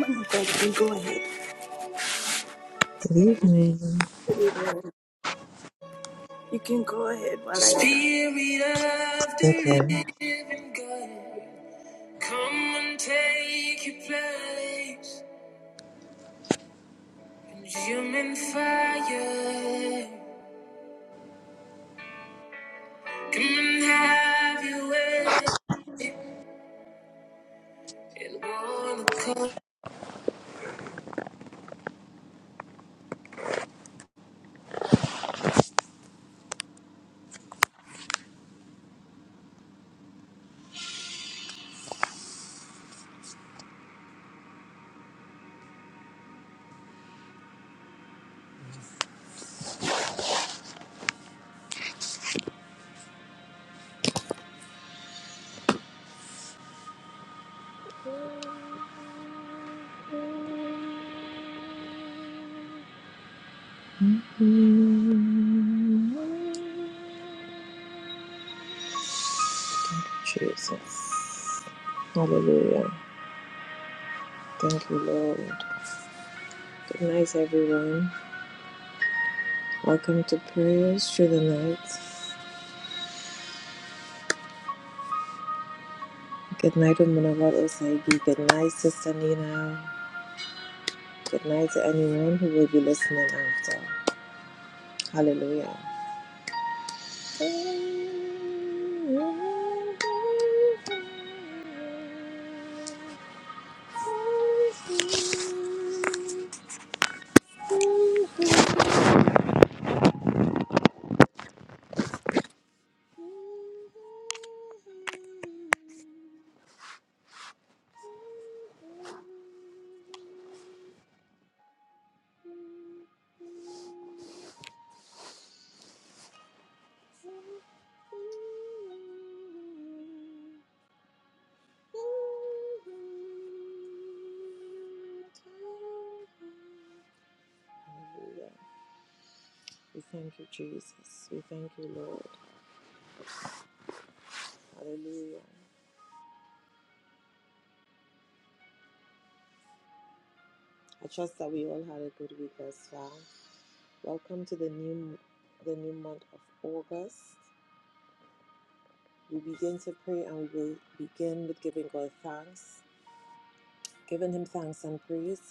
Thank you. can Go ahead. Good evening. You can go ahead while I. Spirit I of the Okay. living God, come and take your place in human fire. Come and have your way. And wanna call. Mm, Jesus. Hallelujah. Thank you, Lord. Good night, everyone. Welcome to prayers through the night. Good night, Omunawar Osaigi. Good night, Sister Nina. Good night to anyone who will be listening after. Hallelujah. Hallelujah. We thank you, Jesus. We thank you, Lord. Hallelujah. I trust that we all had a good week as well. Welcome to the new the new month of August. We begin to pray and we will begin with giving God thanks, giving him thanks and praise.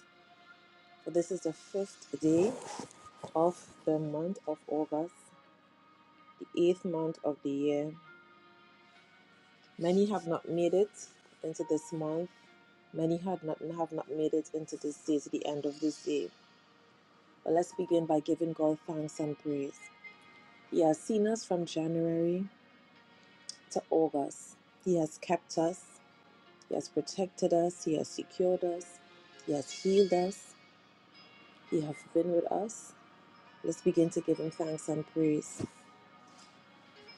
For this is the fifth day of the month of August, the eighth month of the year, Many have not made it into this month. Many have not have not made it into this day, to the end of this day. But let's begin by giving God thanks and praise. He has seen us from January to August. He has kept us. He has protected us. He has secured us. He has healed us. He has been with us. Let's begin to give him thanks and praise.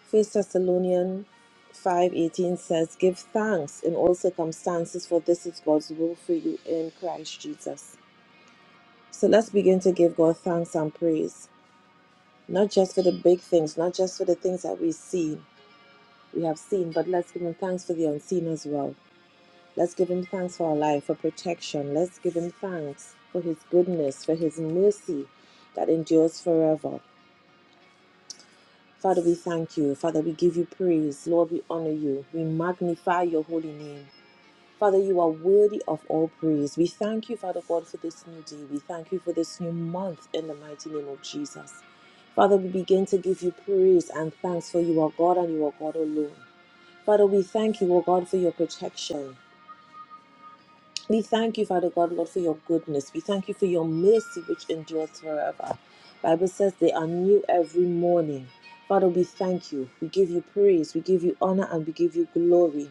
First Thessalonians 5:18 says, "Give thanks in all circumstances, for this is God's will for you in Christ Jesus." So let's begin to give God thanks and praise, not just for the big things, not just for the things that we see, we have seen, but let's give Him thanks for the unseen as well. Let's give Him thanks for our life, for protection. Let's give Him thanks for His goodness, for His mercy that endures forever. Father, we thank you. Father, we give you praise. Lord, we honor you. We magnify your holy name. Father, you are worthy of all praise. We thank you, Father God, for this new day. We thank you for this new month in the mighty name of Jesus. Father, we begin to give you praise and thanks for you are God and you are God alone. Father, we thank you, O God, for your protection. We thank you, Father God, Lord, for your goodness. We thank you for your mercy, which endures forever. Bible says they are new every morning. Father, we thank you. We give you praise. We give you honor and we give you glory.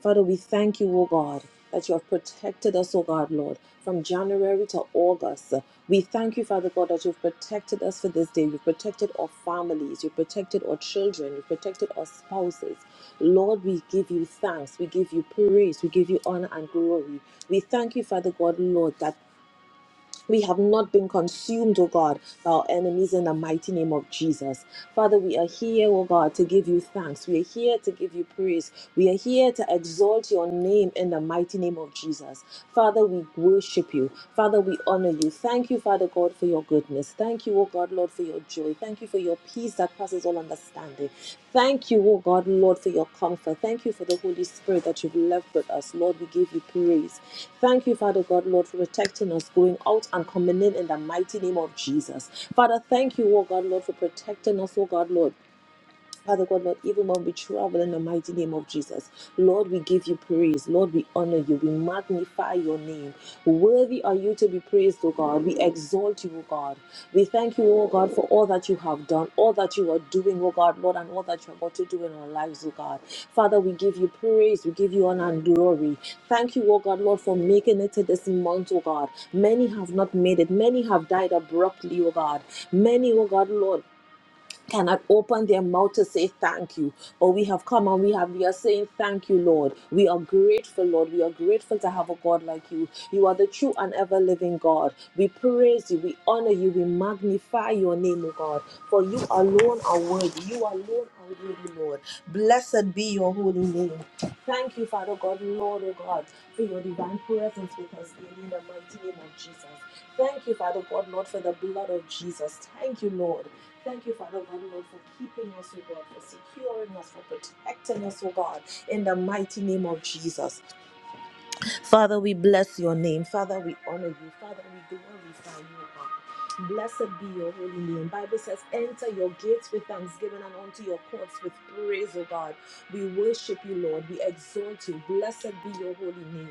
Father, we thank you, O God, that you have protected us, O God, Lord, from January to August. We thank you, Father God, that you've protected us for this day. You've protected our families. You've protected our children. You've protected our spouses. Lord, we give you thanks. We give you praise. We give you honor and glory. We thank you, Father God, Lord, that we have not been consumed, O God, by our enemies in the mighty name of Jesus. Father, we are here, O God, to give you thanks. We are here to give you praise. We are here to exalt your name in the mighty name of Jesus. Father, we worship you. Father, we honor you. Thank you, Father God, for your goodness. Thank you, O God God, Lord, for your joy. Thank you for your peace that passes all understanding. Thank you, oh God, Lord, for your comfort. Thank you for the Holy Spirit that you've left with us. Lord, we give you praise. Thank you, Father God, Lord, for protecting us going out and coming in in the mighty name of Jesus. Father, thank you, oh God, Lord, for protecting us, oh God, Lord. Father God, Lord, even when we travel in the mighty name of Jesus, Lord, we give you praise. Lord, we honor you. We magnify your name. Worthy are you to be praised, O God. We exalt you, O God. We thank you, O God, for all that you have done, all that you are doing, O God, Lord, and all that you're about to do in our lives, O God. Father, we give you praise. We give you honor and glory. Thank you, O God, Lord, for making it to this month, O God. Many have not made it. Many have died abruptly, O God. Many, O God, Lord cannot open their mouth to say thank you. But we have come and we have we are saying thank you, Lord. We are grateful, Lord. We are grateful to have a God like you. You are the true and ever living God. We praise you, we honor you, we magnify your name, O God. For you alone are worthy. You alone are worthy, Lord. Blessed be your holy name. Thank you, Father God, Lord, oh God, for your divine presence with us in the mighty name of Jesus. Thank you, Father God, Lord, for the blood of Jesus. Thank you, Lord. Thank you, Father God, Lord, for keeping us, oh God, for securing us, for protecting us, oh God, in the mighty name of Jesus. Father, we bless your name. Father, we honor you. Father, we glorify you, O God. Blessed be your holy name. Bible says, enter your gates with thanksgiving and unto your courts with praise, O God. We worship you, Lord. We exalt you. Blessed be your holy name.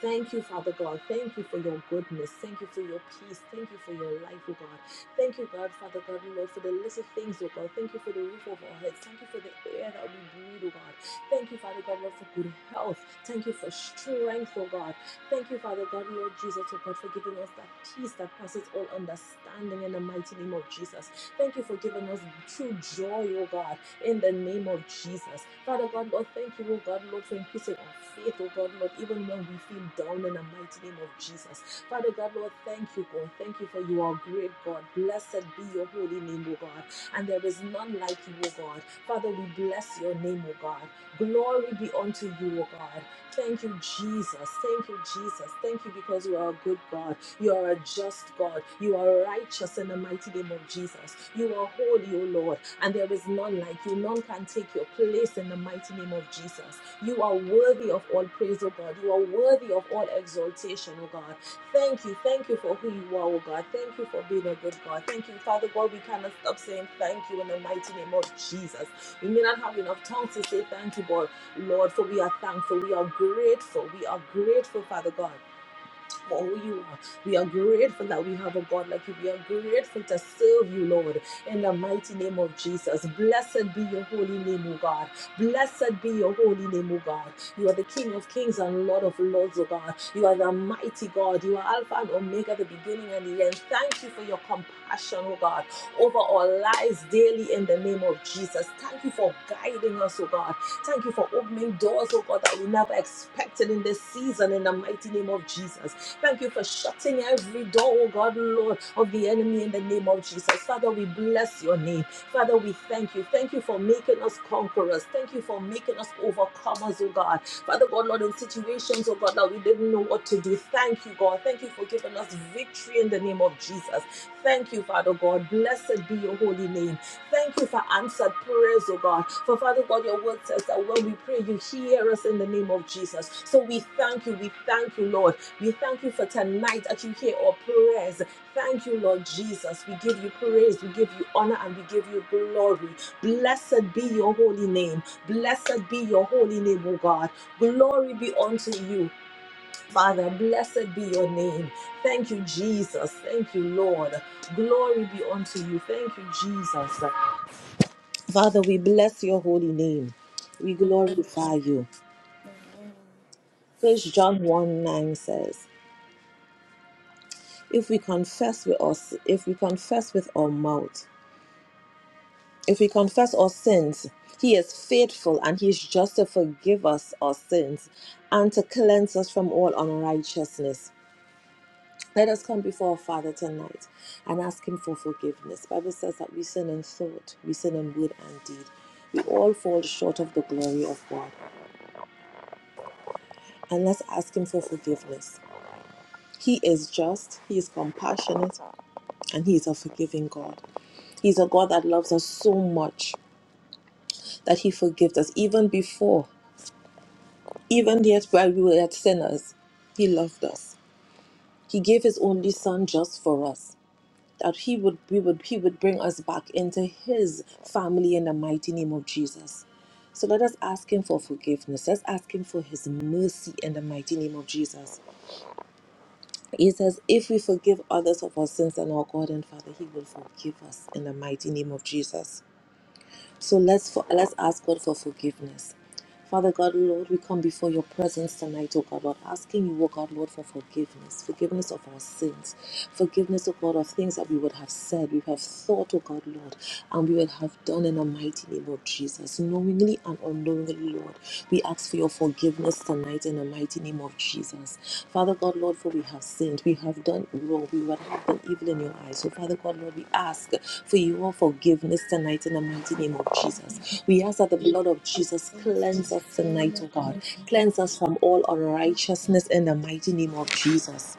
Thank you, Father God. Thank you for your goodness. Thank you for your peace. Thank you for your life, oh God. Thank you, God, Father God, Lord, for the little things, oh God. Thank you for the roof over our heads. Thank you for the air that we breathe, oh God. Thank you, Father God, Lord, for good health. Thank you for strength, oh God. Thank you, Father God, Lord Jesus, oh God, for giving us that peace that passes all understanding in the mighty name of Jesus. Thank you for giving us true joy, oh God in the name of Jesus. Father God, Lord, thank you, oh God, Lord, for increasing our faith, oh God, Lord, even when we feel down in the mighty name of Jesus. Father God, Lord, thank you, God. Thank you for you are great, God. Blessed be your holy name, oh God. And there is none like you, oh God. Father, we bless your name, oh God. Glory be unto you, O God. Thank you, Jesus. Thank you, Jesus. Thank you because you are a good God. You are a just God. You are righteous in the mighty name of Jesus. You are holy, O Lord, and there is none like you. None can take your place in the mighty name of Jesus. You are worthy of all praise, O God. You are worthy of all exaltation, O God. Thank you. Thank you for who you are, O God. Thank you for being a good God. Thank you, Father God. We cannot stop saying thank you in the mighty name of Jesus. We may not have enough tongues to say thank you, God Lord, for we are thankful. We are grateful. We are grateful, Father God for who you are. We are grateful that we have a God like you. We are grateful to serve you, Lord, in the mighty name of Jesus. Blessed be your holy name, O God. Blessed be your holy name, O God. You are the King of kings and Lord of lords, O God. You are the mighty God. You are Alpha and Omega, the beginning and the end. Thank you for your compassion, O God, over our lives daily in the name of Jesus. Thank you for guiding us, O God. Thank you for opening doors, O God, that we never expected in this season in the mighty name of Jesus. Thank you for shutting every door, oh God, Lord, of the enemy in the name of Jesus. Father, we bless your name. Father, we thank you. Thank you for making us conquerors. Thank you for making us overcomers, oh God. Father God, Lord, in situations, oh God, that we didn't know what to do. Thank you, God. Thank you for giving us victory in the name of Jesus. Thank you, Father God. Blessed be your holy name. Thank you for answered prayers, oh God. For Father God, your word says that when we pray, you hear us in the name of Jesus. So we thank you. We thank you, Lord. We thank you for tonight that you hear our prayers. Thank you, Lord Jesus. We give you praise, we give you honor, and we give you glory. Blessed be your holy name. Blessed be your holy name, O God. Glory be unto you, Father. Blessed be your name. Thank you, Jesus. Thank you, Lord. Glory be unto you. Thank you, Jesus. Father, we bless your holy name. We glorify you. First John 1 9 says, If we confess with us, if we confess with our mouth, if we confess our sins, he is faithful and he is just to forgive us our sins and to cleanse us from all unrighteousness. Let us come before our Father tonight and ask him for forgiveness. Bible says that we sin in thought, we sin in word and deed. We all fall short of the glory of God. And let's ask him for forgiveness. He is just, He is compassionate, and He is a forgiving God. He's a God that loves us so much that He forgives us even before, even yet while we were yet sinners, He loved us. He gave His only Son just for us, that He would we would He would bring us back into His family in the mighty name of Jesus. So let us ask Him for forgiveness. Let's ask Him for His mercy in the mighty name of Jesus. He says, If we forgive others of our sins and our God and Father, He will forgive us in the mighty name of Jesus. So let's for, let's ask God for forgiveness. Father God, Lord, we come before your presence tonight, oh God, Lord, asking you, oh God, Lord, for forgiveness, forgiveness of our sins, forgiveness, oh God, of things that we would have said, we have thought, oh God, Lord, and we would have done in the mighty name of Jesus, knowingly and unknowingly, Lord. We ask for your forgiveness tonight in the mighty name of Jesus. Father God, Lord, for we have sinned. We have done wrong. We would have done evil in your eyes. So, Father God, Lord, we ask for your forgiveness tonight in the mighty name of Jesus. We ask that the blood of Jesus cleanse us tonight, oh God. Cleanse us from all unrighteousness in the mighty name of Jesus.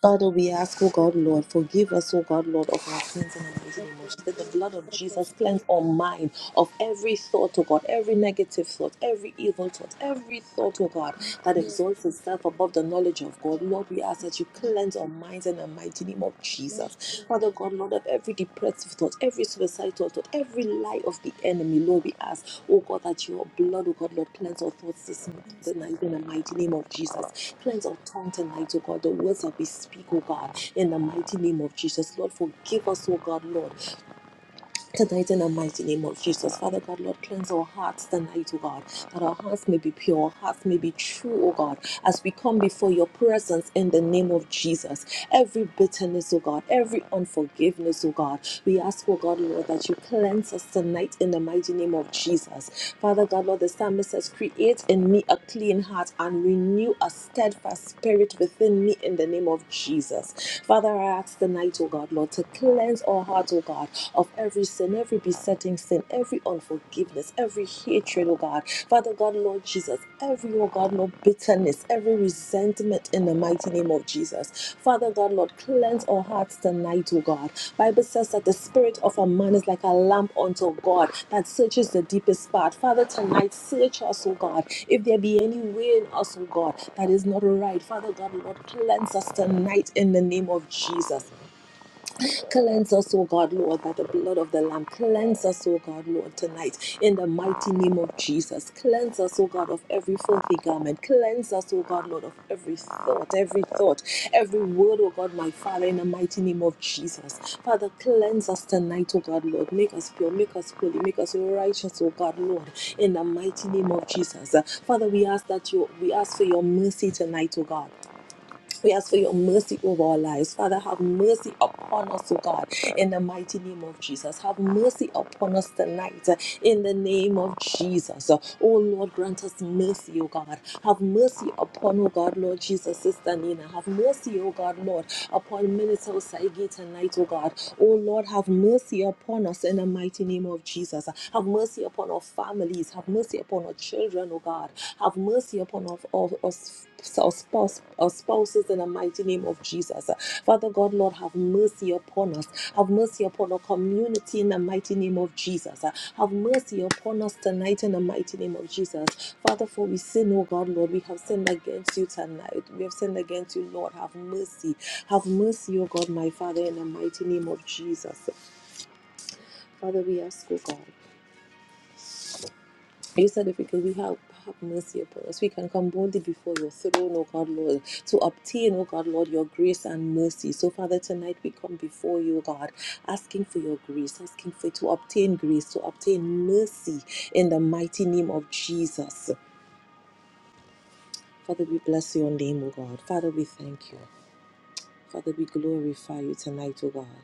Father, we ask, oh God, Lord, forgive us, oh God, Lord, of our sins and our wicked emotions. Let the blood of Jesus cleanse our mind of every thought, oh God, every negative thought, every evil thought, every thought, oh God, that exalts itself above the knowledge of God. Lord, we ask that you cleanse our minds in the mighty name of Jesus. Jesus. Father God, Lord, of every depressive thought, every suicidal thought, every lie of the enemy, Lord, we ask, oh God, that your blood, oh God, Lord, cleanse our thoughts this night in the mighty name of Jesus. Cleanse our tongue tonight, oh God, the words that we speak, oh God, in the mighty name of Jesus. Lord, forgive us, oh God, Lord, Tonight, in the mighty name of Jesus, Father God, Lord, cleanse our hearts tonight, O God, that our hearts may be pure, our hearts may be true, O God, as we come before your presence in the name of Jesus. Every bitterness, O God, every unforgiveness, O God, we ask, O God, Lord, that you cleanse us tonight in the mighty name of Jesus. Father God, Lord, the psalmist says, Create in me a clean heart and renew a steadfast spirit within me in the name of Jesus. Father, I ask tonight, oh God, Lord, to cleanse our hearts, oh God, of every sin, every besetting sin, every unforgiveness, every hatred, oh God. Father God, Lord Jesus, every, oh God, Lord, bitterness, every every resentment in the mighty name of Jesus. Father God, Lord, cleanse our hearts tonight, O God. Bible says that the spirit of a man is like a lamp unto God that searches the deepest part. Father, tonight search us, O God. If there be any way in us, O God, that is not right, Father God, Lord, cleanse us tonight in the name of Jesus. Cleanse us, O God, Lord, by the blood of the Lamb. Cleanse us, O God, Lord, tonight in the mighty name of Jesus. Cleanse us, O God, of every filthy garment. Cleanse us, O God, Lord, of every thought, every thought, every word, O God, my Father, in the mighty name of Jesus. Father, cleanse us tonight, O God, Lord. Make us pure, make us holy, make us righteous, O God, Lord, in the mighty name of Jesus. Uh, Father, we ask that you, we ask for your mercy tonight, O God. We ask for your mercy over our lives. Father, have mercy upon us, O God, in the mighty name of Jesus. Have mercy upon us tonight, uh, in the name of Jesus. Uh, Oh Lord, grant us mercy, O God. Have mercy upon, O God, Lord Jesus, Sister Nina. Have mercy, O God, Lord, upon Minister Saigi tonight, O God. Oh Lord, have mercy upon us in the mighty name of Jesus. Have mercy upon our families. Have mercy upon upon our children, oh God. Have mercy upon our, our, our, our spouse, our spouses in the mighty name of Jesus. Father God, Lord, have mercy upon us. Have mercy upon our community in the mighty name of Jesus. Have mercy upon us tonight in the mighty name of Jesus. Father, for we sin, oh God, Lord, we have sinned against you tonight. We have sinned against you, Lord. Have mercy. Have mercy, oh God, my Father, in the mighty name of Jesus. Father, we ask, oh God. You said if we could, we have, have mercy upon us. We can come boldly before your throne, O God, Lord, to obtain, O God, Lord, your grace and mercy. So, Father, tonight we come before you, O God, asking for your grace, asking for to obtain grace, to obtain mercy in the mighty name of Jesus. Father, we bless your name, O God. Father, we thank you. Father, we glorify you tonight, O God.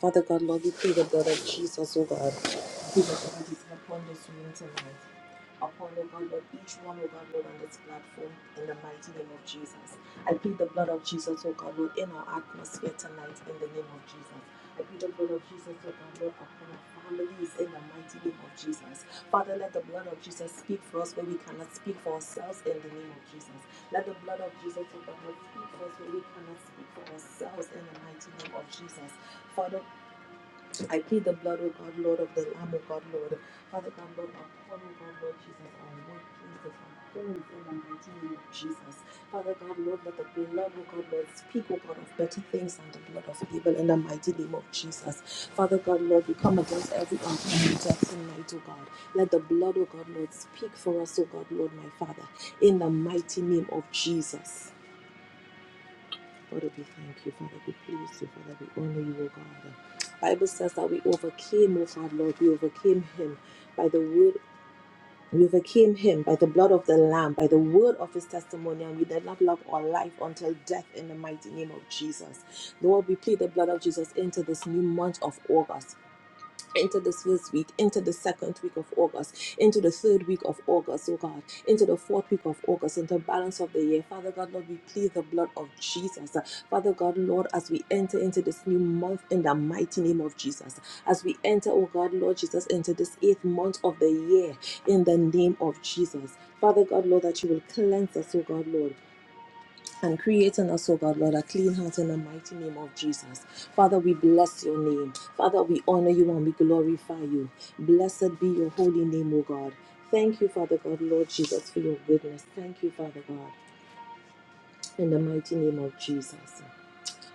Father God, Lord, we plead the blood of Jesus, oh God. We plead the blood of Jesus upon this room tonight. Upon, oh God, Lord, each one, oh God, Lord, on this platform, in the mighty name of Jesus. I plead the blood of Jesus, oh God, Lord, in our atmosphere tonight, in the name of Jesus. I plead the blood of Jesus, oh God, Lord, upon our families, in the mighty name of Jesus. Father, let the blood of Jesus speak for us where we cannot speak for ourselves, in the name of Jesus. Let the blood of Jesus, oh God, Lord, speak for us where we cannot speak for ourselves, in the mighty name of Jesus. Father. I plead the blood, O God, Lord, of the Lamb, O God, Lord. Father God, Lord, upon, O God, Lord Jesus, our workplaces, our homes, in the mighty name of Jesus. Father God, Lord, let the blood, O God, Lord, speak, O God, of better things than the blood of Abel, in the mighty name of Jesus. Father God, Lord, we come against every untimely death tonight, O God. Let the blood, O God, Lord, speak for us, O God, Lord, my Father, in the mighty name of Jesus. Father, we thank you. Father, we praise you. Father, we honor you, O God. Bible says that we overcame, O Father, Lord. We overcame him by the word. We overcame him by the blood of the Lamb, by the word of his testimony, and we did not love our life until death in the mighty name of Jesus. Lord, we plead the blood of Jesus into this new month of August into this first week, into the second week of August, into the third week of August, oh God, into the fourth week of August, into the balance of the year. Father God, Lord, we plead the blood of Jesus. Father God, Lord, as we enter into this new month in the mighty name of Jesus, as we enter, oh God, Lord Jesus, into this eighth month of the year in the name of Jesus. Father God, Lord, that you will cleanse us, oh God, Lord and create in us, O God, Lord, a clean heart in the mighty name of Jesus. Father, we bless your name. Father, we honor you and we glorify you. Blessed be your holy name, O God. Thank you, Father God, Lord Jesus, for your goodness. Thank you, Father God, in the mighty name of Jesus.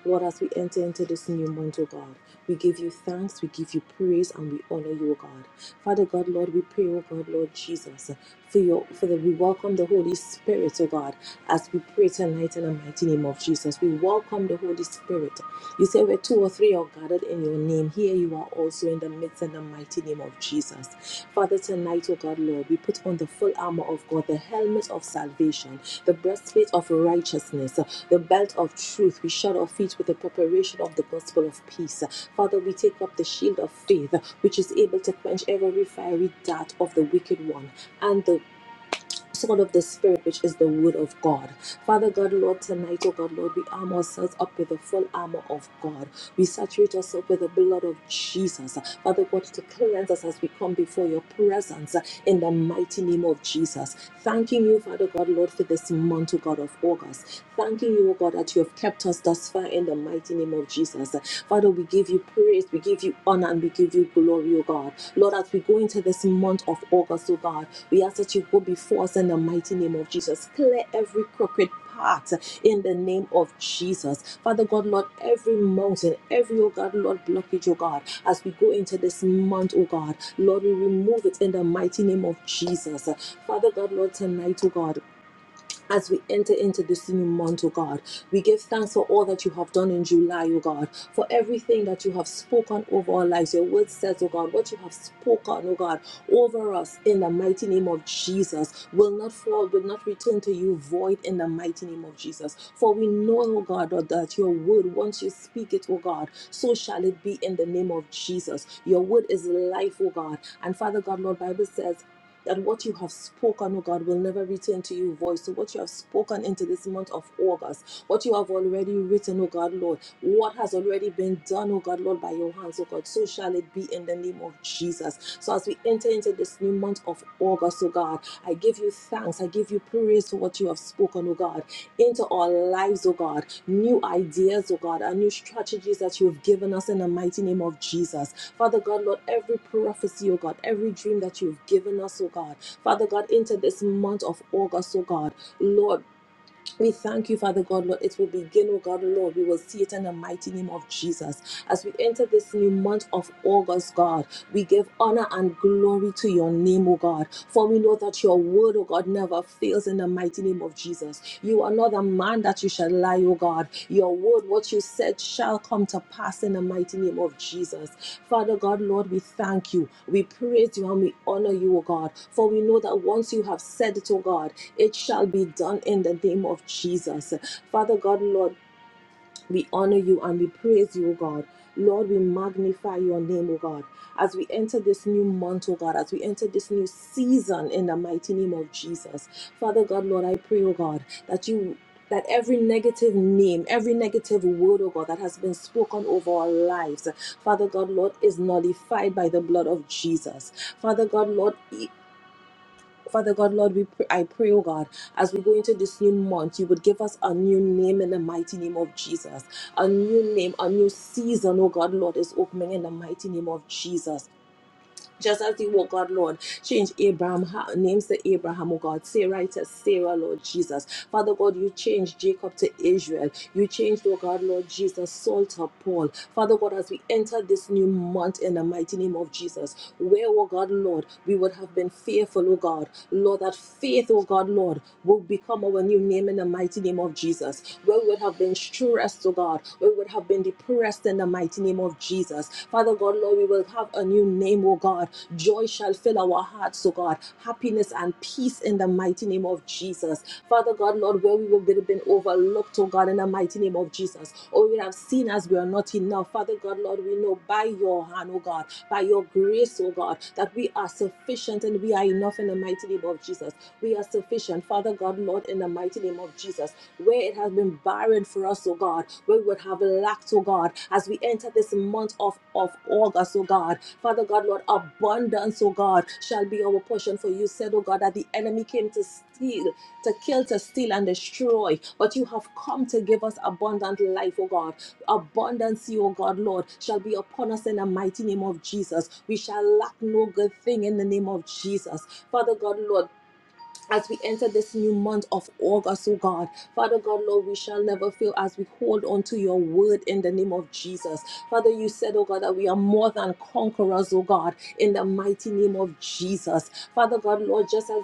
Lord, as we enter into this new month, O God, we give you thanks, we give you praise, and we honor you, O God. Father God, Lord, we pray, O God, Lord Jesus, for your for the we welcome the Holy Spirit, O God, as we pray tonight in the mighty name of Jesus. We welcome the Holy Spirit you say, Where two or three are gathered in your name, here you are also in the midst in the mighty name of Jesus. Father, tonight, O God, Lord, we put on the full armor of God, the helmet of salvation, the breastplate of righteousness, the belt of truth. We shod our feet with the preparation of the gospel of peace. Father, we take up the shield of faith, which is able to quench every fiery dart of the wicked one, and the sword of the Spirit, which is the word of God. Father God, Lord, tonight, oh God, Lord, we arm ourselves up with the full armor of God. We saturate ourselves with the blood of Jesus. Father God, to cleanse us as we come before your presence in the mighty name of Jesus. Thanking you, Father God, Lord, for this month, oh God, of August. Thanking you, oh God, that you have kept us thus far in the mighty name of Jesus. Father, we give you you praise, we give you honor, and we give you glory, O God. Lord, as we go into this month of August, O God, we ask that you go before us in the mighty name of Jesus. Clear every crooked path in the name of Jesus. Father God, Lord, every mountain, every, oh God, Lord, blockage, oh God, as we go into this month, oh God, Lord, we remove it in the mighty name of Jesus. Father God, Lord, tonight, oh God, as we enter into this new month, O God. We give thanks for all that you have done in July, O God, for everything that you have spoken over our lives. Your word says, O God, what you have spoken, O God, over us in the mighty name of Jesus will not fall, will not return to you void in the mighty name of Jesus. For we know, O God, that your word, once you speak it, O God, so shall it be in the name of Jesus. Your word is life, O God. And Father God, Lord, Bible says, that what you have spoken, oh God, will never return to you void. So what you have spoken into this month of August, what you have already written, oh God, Lord, what has already been done, oh God, Lord, by your hands, oh God, so shall it be in the name of Jesus. So as we enter into this new month of August, oh God, I give you thanks. I give you praise for what you have spoken, oh God into our lives, oh God. New ideas, oh God, and new strategies that you have given us in the mighty name of Jesus. Father God, Lord, every prophecy, oh God, every dream that you've given us, oh God. Father God, into this month of August, oh God. Lord, we thank you, Father God, Lord. It will begin, oh God, Lord. We will see it in the mighty name of Jesus. As we enter this new month of August, God, we give honor and glory to your name, O God, for we know that your word, O God, never fails in the mighty name of Jesus. You are not a man that you shall lie, O God. Your word, what you said, shall come to pass in the mighty name of Jesus. Father God, Lord, we thank you. We praise you and we honor you, O God, for we know that once you have said it, O God, it shall be done in the name of Jesus. Father God, Lord, we honor you and we praise you, O God. Lord, we magnify your name, O God, as we enter this new month, O God, as we enter this new season in the mighty name of Jesus. Father God, Lord, I pray, O God, that you that every negative name, every negative word, oh God, that has been spoken over our lives, Father God, Lord, is nullified by the blood of Jesus. Father God, Lord, Father God, Lord, we pr- I pray, oh God, as we go into this new month, you would give us a new name in the mighty name of Jesus. A new name, a new season, oh God, Lord, is opening in the mighty name of Jesus. Just as you, oh God, Lord, change Abraham ha- names to Abraham, oh God, Sarah to Sarah, Lord Jesus. Father God, you changed Jacob to Israel. You changed, oh God, Lord Jesus, Saul to Paul. Father God, as we enter this new month in the mighty name of Jesus, where, oh God, Lord, we would have been fearful, oh God. Lord, that faith, oh God, Lord, will become our new name in the mighty name of Jesus. Where we would have been stressed, oh God, where we would have been depressed blessed in the mighty name of Jesus. Father God, Lord, we will have a new name, oh God. Joy shall fill our hearts, oh God. Happiness and peace in the mighty name of Jesus. Father God, Lord, where we would have been overlooked, oh God, in the mighty name of Jesus, or we have seen as we are not enough. Father God, Lord, we know by your hand, oh God, by your grace, oh God, that we are sufficient and we are enough in the mighty name of Jesus. We are sufficient, Father God, Lord, in the mighty name of Jesus where where it has been barren for us, oh God, where we would have lacked, oh God, as we enter this month of, of August, oh God. Father God, Lord, abundance, oh God, shall be our portion for you. Said, oh God, that the enemy came to steal, to kill, to steal, and destroy. But you have come to give us abundant life, oh God. Abundance, oh God, Lord, shall be upon us in the mighty name of Jesus. We shall lack no good thing in the name of Jesus. Father God, Lord, as we enter this new month of August, oh God. Father God, Lord, we shall never fail as we hold on to your word in the name of Jesus. Father, you said, oh God, that we are more than conquerors, oh God, in the mighty name of Jesus. Father God, Lord, just as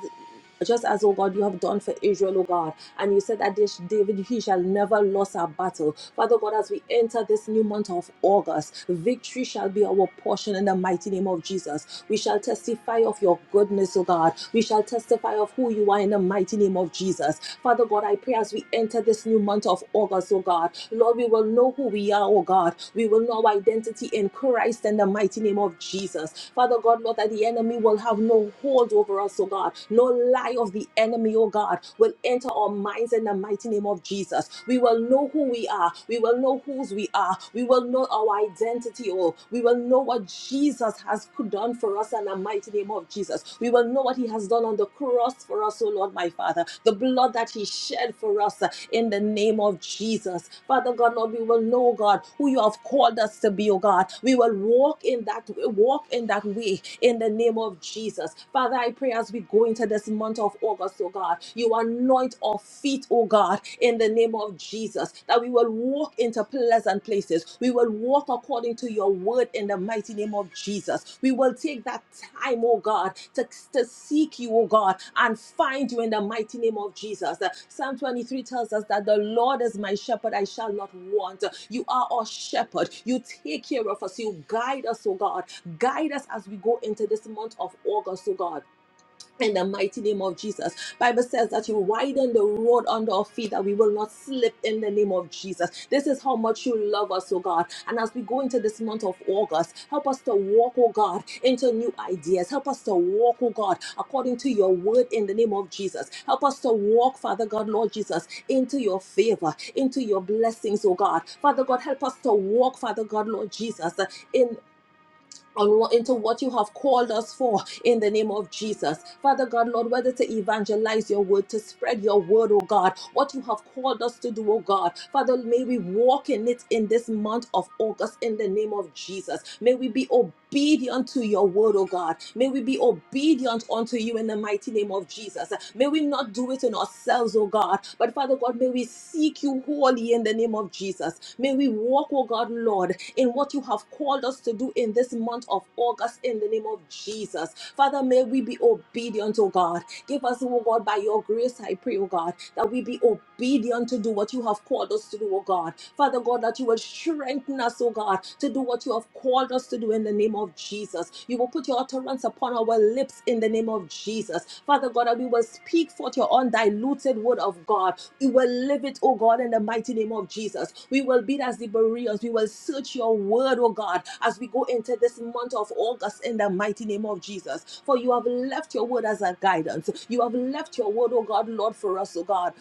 just as, oh God, you have done for Israel, oh God, and you said that this David, he shall never lose a battle. Father God, as we enter this new month of August, victory shall be our portion in the mighty name of Jesus. Jesus. We shall testify of your goodness, O God. We shall testify of who you are in the mighty name of Jesus. Father God, I pray as we enter this new month of August, O God, Lord, we will know who we are, O God. We will know our identity in Christ in the mighty name of Jesus. Father God, Lord, that the enemy will have no hold over us, O God. No lie of the enemy, O God, will enter our minds in the mighty name of Jesus. We will know who we are. We will know whose we are are. We will know our identity, oh. We will know what Jesus has done for us in the mighty name of Jesus. We will know what he has done on the cross for us, oh Lord, my Father. The blood that he shed for us uh, in the name of Jesus. Father God, Lord, we will know, God, who you have called us to be, oh God. We will walk in that walk in that way in the name of Jesus. Father, I pray as we go into this month of August, oh God, you anoint our feet feet, oh God, in the name of Jesus, that we will walk into pleasant places. We will walk according to your word in the mighty name of Jesus. We will take that time, oh God, to, to seek you, oh God, and find you in the mighty name of Jesus. Psalm 23 tells us that the Lord is my shepherd, I shall not want. You are our shepherd. You take care of us. You guide us, oh God. Guide us as we go into this month of August, oh God in the mighty name of Jesus. Bible says that you widen the road under our feet that we will not slip in the name of Jesus. This is how much you love us, oh God. And as we go into this month of August, help us to walk, oh God, into new ideas. Help us to walk, oh God, according to your word in the name of Jesus. Help us to walk, Father God, Lord Jesus, into your favor, into your blessings, oh God. Father God, help us to walk, Father God, Lord Jesus, in on into what you have called us for in the name of Jesus. Father God, Lord, whether to evangelize your word, to spread your word, oh God, what you have called us to do, oh God. Father, may we walk in it in this month of August in the name of Jesus. May we be obedient to your word, oh God. May we be obedient unto you in the mighty name of Jesus. May we not do it in ourselves, oh God, but Father God, may we seek you wholly in the name of Jesus. May we walk, oh God, Lord, in what you have called us to do in this month of August in the name of Jesus. Father, may we be obedient, oh God. Give us, oh God, by your grace, I pray, oh God, that we be obedient to do what you have called us to do, oh God. Father God, that you will strengthen us, oh God, to do what you have called us to do in the name name of Jesus. You will put your utterance upon our lips in the name of Jesus. Father God, that we will speak forth your undiluted word of God. We will live it, oh God, in the mighty name of Jesus. We will be as the Bereans. We will search your word, oh God, as we go into this month of August in the mighty name of Jesus. For you have left your word as a guidance. You have left your word, oh God, Lord, for us, oh God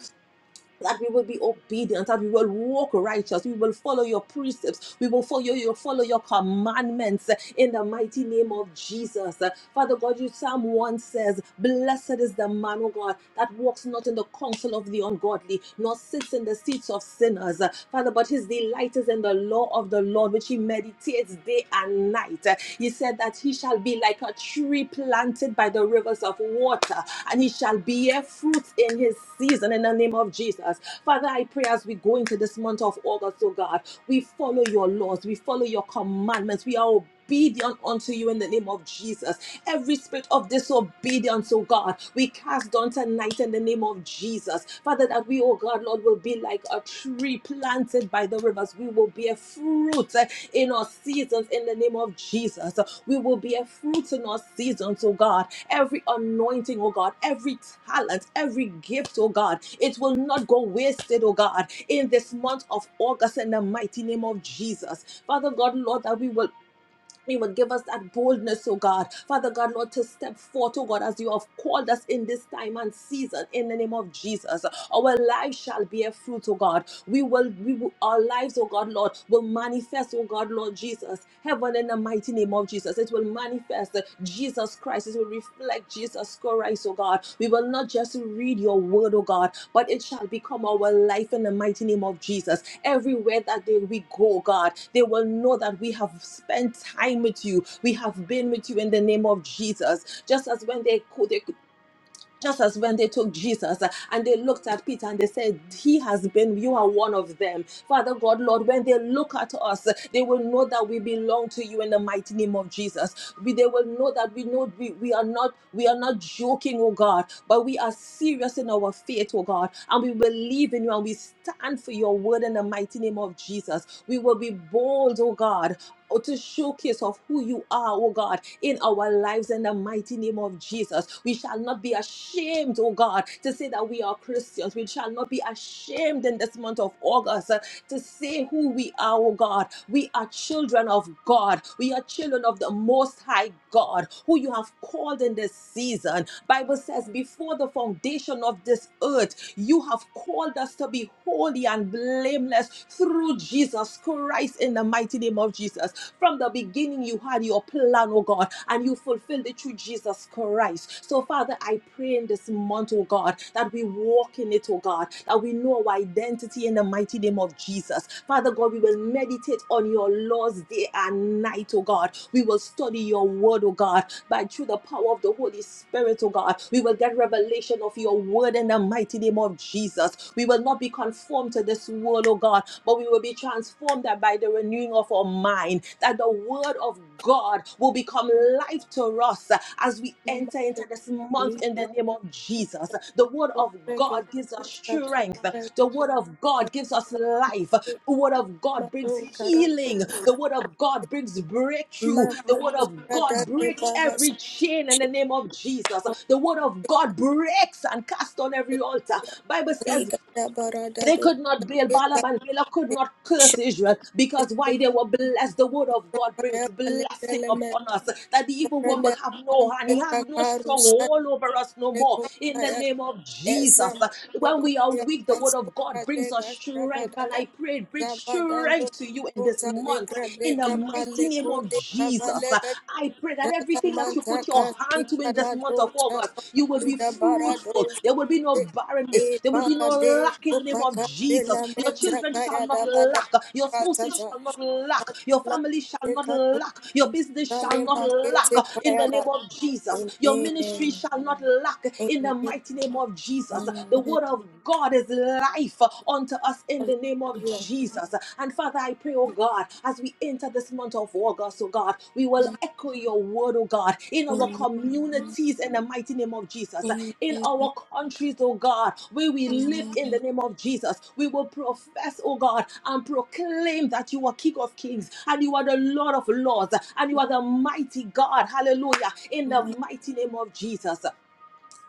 that we will be obedient, that we will walk righteous, we will follow your precepts, we will follow your follow your commandments uh, in the mighty name of Jesus. Uh, Father God, you Psalm 1 says, Blessed is the man, O God, that walks not in the counsel of the ungodly, nor sits in the seats of sinners. Uh, Father, but his delight is in the law of the Lord, which he meditates day and night. You said that he shall be like a tree planted by the rivers of water, and he shall bear fruit in his season in the name of Jesus. Father, I pray as we go into this month of August, oh God, we follow your laws, we follow your commandments, we are obedient unto you in the name of Jesus. Every spirit of disobedience, oh God, we cast down tonight in the name of Jesus. Jesus. Father, that we, oh God, Lord, will be like a tree planted by the rivers. We will bear fruit eh, in our seasons in the name of Jesus. We will bear fruit in our seasons, oh God. Every anointing, oh God, every talent, every gift, oh God, it will not go wasted, oh God, in this month of August in the mighty name of Jesus. Father God, Lord, that we will you would give us that boldness, oh God. Father God, Lord, to step forth, oh God, as you have called us in this time and season in the name of Jesus. Our lives shall bear fruit, oh God. We will, we will, our lives, oh God, Lord, will manifest, oh God, Lord Jesus. Heaven in the mighty name of Jesus. It will manifest. Jesus Christ. It will reflect Jesus Christ, oh God. We will not just read your word, oh God, but it shall become our life in the mighty name of Jesus. Everywhere that they, we go, God, they will know that we have spent time with you. We have been with you in the name of Jesus. Just as when they, co- they just as when they took Jesus uh, and they looked at Peter and they said, He has been, you are one of them. Father God, Lord, when they look at us, uh, they will know that we belong to you in the mighty name of Jesus. We, they will know that we know we, we are not we are not joking, oh God, but we are serious in our faith, oh God, and we believe in you and we stand for your word in the mighty name of Jesus. We will be bold, oh God, or to showcase of who you are, oh God, in our lives in the mighty name of Jesus. We shall not be ashamed, oh God, to say that we are Christians. We shall not be ashamed in this month of August uh, to say who we are, oh God. We are children of God. We are children of the most high God, who you have called in this season. Bible says, before the foundation of this earth, you have called us to be holy and blameless through Jesus Christ. Christ in the mighty name of Jesus. From the beginning, you had your plan, oh God, and you fulfilled it through Jesus Christ. So, Father, I pray in this month, oh God, that we walk in it, oh God, that we know our identity in the mighty name of Jesus. Father God, we will meditate on your laws day and night, oh God. We will study your word, oh God, by through the power of the Holy Spirit, oh God. We will get revelation of your word in the mighty name of Jesus. We will not be conformed to this world world, oh God, but we will be transformed that by the renewing of our mind, that the word of God will become life to us as we enter into this month in the Lisa, name of Jesus. The word oh, of God gives us oh, strength. The word of God gives us life. The word of God brings healing. The word of God brings breakthrough. The word of God breaks every chain in the name of Jesus. The word of God breaks and casts on every altar. Bible says Ligada barada they do could not bail. saketa Balaam and Balaam could de not curse shate Israel because why they were blessed. The word of kubuka God brings baya blessing balebele me upon us that the evil one barada will have no hand. ante He has no kakaru stronghold over us no more. In the Rekosaya name of Jesus, Ezam when we are Rukuya weak, the word of Tatsuka God brings us Dega strength. And Shabadada I pray it brings Zabadando strength to you in this Kota month. Legra In the Beka mighty Pale name of Kunde Jesus, Kavalega I pray that everything that you put Jalamanta put your hand to Kasika in this month Lado of August, you will be Shakabalida fruitful. Barado There will be no barrenness. E There will be no Parade lack in the name of Kopaka de Jesus. la Your Meta children shall Kaya not Dabada lack. Your spouses Katata shall not lack. Your family shall Shalamante not Katu lack. Your business shall Kale not lack Makete in Kaya the name of Jesus. Your ministry Amen. shall not lack in the mighty Amen. name of Jesus. Amen. The word of God is life unto us in the name of Hallelujah. Jesus. Jesus. And Father, I pray, oh God, as we enter this month of August, oh God, we will echo your word, oh God, in our Amen. communities in the mighty name of Jesus, Amen. in our countries, oh God, where we live Amen. in the name of Jesus. We will profess, oh God, and proclaim that you are King of Kings and you are the Lord of Lords and you are the mighty God. Hallelujah. In the mighty name of Jesus.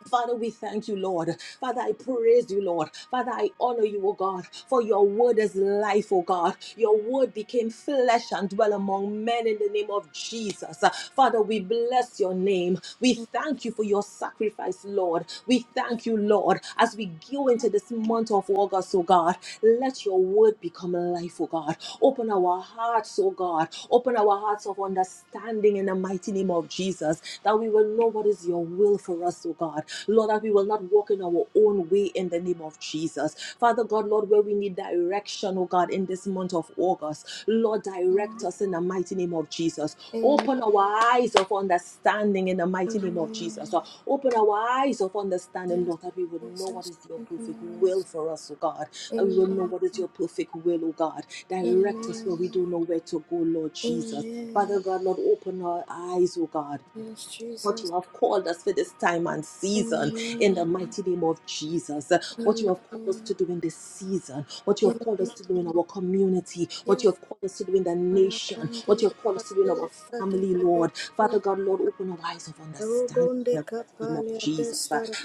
Father, we thank you, Lord. Father, I praise you, Lord. Father, I honor you, O God, for your word is life, O God. Your word became flesh and dwell among men in the name of Jesus. Father, we bless your name. We thank you for your sacrifice, Lord. We thank you, Lord, as we go into this month of August, O God. Let your word become life, O God. Open our hearts, oh God. Open our hearts of understanding in the mighty name of Jesus that we will know what is your will for us, oh God. Lord, that we will not walk in our own way in the name of Jesus. Father God, Lord, where we need direction, oh God, in this month of August, Lord, direct us in the mighty name of Jesus. Open our eyes of understanding in the mighty name of Jesus. Uh, Open our eyes of understanding, Yes, Lord, that we would know what Jesus. is your perfect Open will us. for us, oh God and we will know Amen. what is your perfect will, oh God. Direct us where we don't Amen. know where to go, Lord Jesus. Amen. Father God, Lord, open our eyes, oh God. Yes, What Jesus. you have called us for this time and season in the Amen. mighty name of Jesus. What you have called us Amen. to do in this season. What you have called Amen. us to do in our community. What you Yes, have called us to do in the nation. What Palabandi, you have called us to do in Lapadu, our family, Kadila, Lord. Father God, Lord, open our eyes of understanding Rogonde, in the Kapalia, Destar,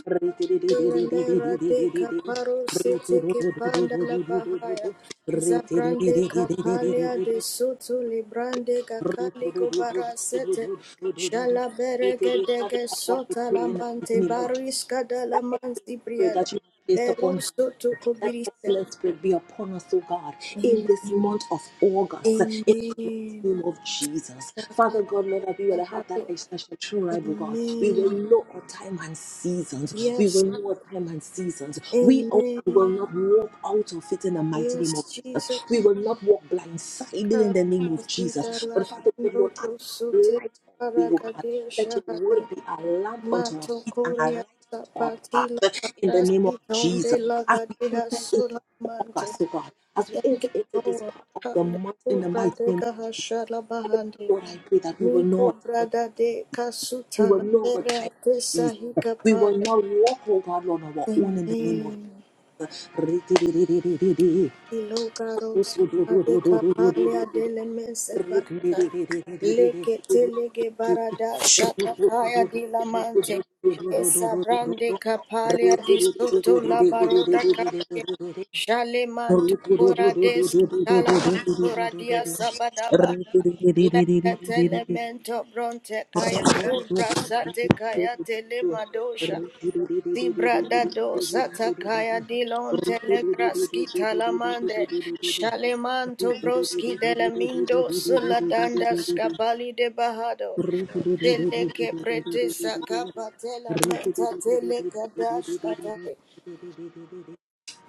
Lemera de caparo sete que panda la bahaya. mighty Zabrande name of capalia de Jesus soto librande the in the gakali gobara sete. Shala berege dege sota la mighty mante name of Jesus. barisca da la That excellent mansi spirit briada. that you have placed upon him. Beruso to That kubirisa. excellent spirit be upon us, O God, in Amen. this month of August. In the mighty Amen. name of Jesus. Father God, Lord, that we will have that essential true rival, God. We will Amen. know our time and seasons. We Yes. will know our time and seasons. We oh God, will Amen. not walk out of it in the mighty name of Yes, Jesus. Jesus. We will not walk blindsided in the name of Zita Jesus. la But Father God, bando Lord, as kusute you have light on the way, O God, barakadia let your shahade word be a lamp unto our mato feet and a kuria light our sapati path la uh, in the name barasi of Jesus. donde la As we gadeha enter into sulamante. August, oh God, as we Thank enter you, into this Lord. part of the month in Hallelujah. the mighty Brother name of Jesus, Gahashala Father God, Bahandi. Lord, I pray that we will know Miko our times and brada de seasons. We kasuta will la know our vera times and tesa seasons. We will hikapare. not walk, oh God, Lord, on our own in the name of Amen. Jesus. Rikidididididi. Ilogaros Kavika Palia Delemense Barata Leke Telege Barada Thank Shatakaya Dilamante Esabrande Kapalia di Soto La baroda Kake Jalemanto Koradeski Talamantora Dia Sabadaba Leke Telemento Bronte Kaya Rubra Sate Kaya Telemadosha Zibradado Satakaya Dilon Telegraski Talamande Shalemanto Broski Delamindo Suladanda you. Scapali de Bahado Thank Teleke Prete Sakapatela Menta Teleka Katai you.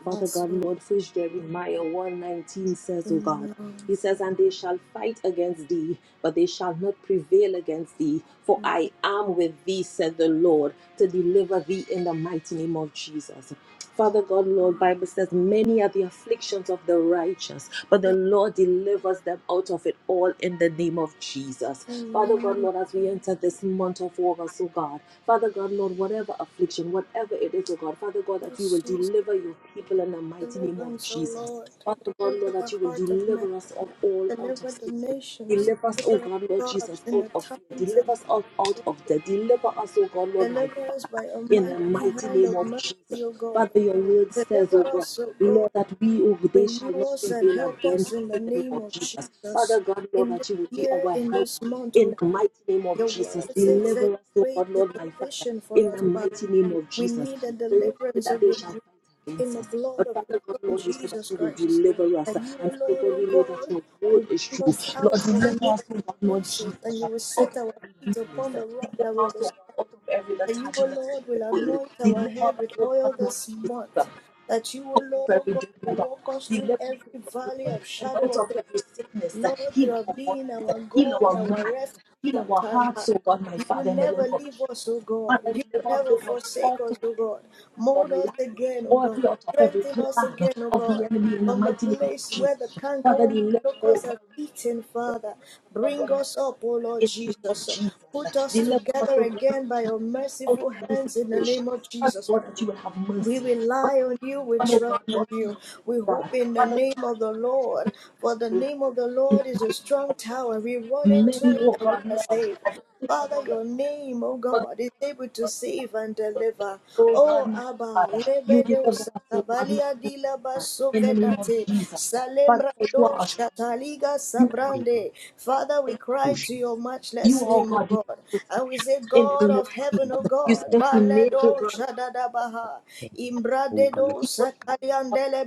Father God, Masura. Lord, which Jeremiah 119 says, O God, he Amen. says, And they shall fight against thee, but they shall not prevail against thee, for I am with thee, said the Lord, to deliver thee in the mighty name of Jesus. Father God, Lord, Bible says, many are the afflictions of the righteous, but the Lord delivers them out of it all in the name of Jesus. Father God, Amen. Lord, as we enter this month of August, oh God, Father God, Lord, whatever affliction, whatever it is, oh God, Father God, that you Yes, will Jesus, deliver your people in the mighty name of deliverance, O Jesus. Lord. Father God, Deliver Lord, that the you will heart of man. deliver us of all out of Deliver the sickness. nations. Deliver us, oh Deliver us, God, Lord God Jesus, in out the of fear. times and Deliver us out, out of death. Deliver us, oh God, Lord, my Deliver us by a in the mighty mighty hand name of of Jesus. mercy, O God. Father, your word says, oh Deliver God, us, O God. Lord, that we, oh, they shall Renew not us and prevail help against us us in the in the name name of of Jesus. Father Jesus. God, Lord, In this that you will be year, our in helper this month, O in the God, mighty name of your word Jesus. says that your Deliver us, oh grace God, is Lord, my Father, sufficient for in us, the Father. mighty name of We Jesus. need the Father, you said deliverance that of they your shall fight grace in against the us. blood But of your Father God, Son, Lord, you said that Jesus you will Christ. deliver us. That you, O And Father Lord, God, O we know that God, your word will is bring true. us Lord, out of deliver negative us, oh God, Lord places Jesus, and you out will of set our every feet weakness. upon the rock Deliver that we us, will oh stand out of every that you, O letharginess Lord, will for your word. anoint our Deliver head us, with O God, oil Lord this Jesus, out month. That you, O Lord, of O every God, death, will O God. walk us Deliver through us, O every God, valley Lord, of from out shadow of of death. every sickness. Lord, you Heal have our been our bodies, heal God, our our minds, refuge heal for our time past hearts, O God, my will Father, in the name never of leave Jesus. us, O God. Father, You will deliver us, O never God, forsake out us, of O every, God. O God, Mold Lord, us lie. again, O Or God. every out of every Strengthen us plan again, O of God. the enemy in the From the mighty name of place Jesus. where the Father, cankerworm deliver, O locusts have eaten, God, Father. Bring Lord us up, O Lord in the name of Jesus. Jesus. Put us Deliver us, together O God, Lord again by your Jesus, out of merciful every hands in the situation. name of Father Jesus. God, that you will have We mercy. Father, rely we on you, we done, O trust God, on Lord you. Jesus, We O God. hope in the Father name God, of the Lord, for the we ask name of the you be Lord with is us, O God, in a the mighty name strong of Jesus. tower. We run into Many, it O and we God, are Lord, are saved. the pictures Father, of the your name, O but God, is the able to Lord delivered save and deliver. O God, Oh my Abba, Father, you lebedo deliver us, O God, Lord, sakabalia from dilaba evil. in the name of sovedate, Jesus. Father, salemra for you are do our strong tower. shataliga You are our strong is a sabrande. Father, we cry push to your you, matchless the oh name, O God, divine God, and we protector say, in the God of name heaven, of O Jesus. teams You said God, that we make, oh baledo God. shadadabaha, Evil shall not come near us imbradedo sakaliandele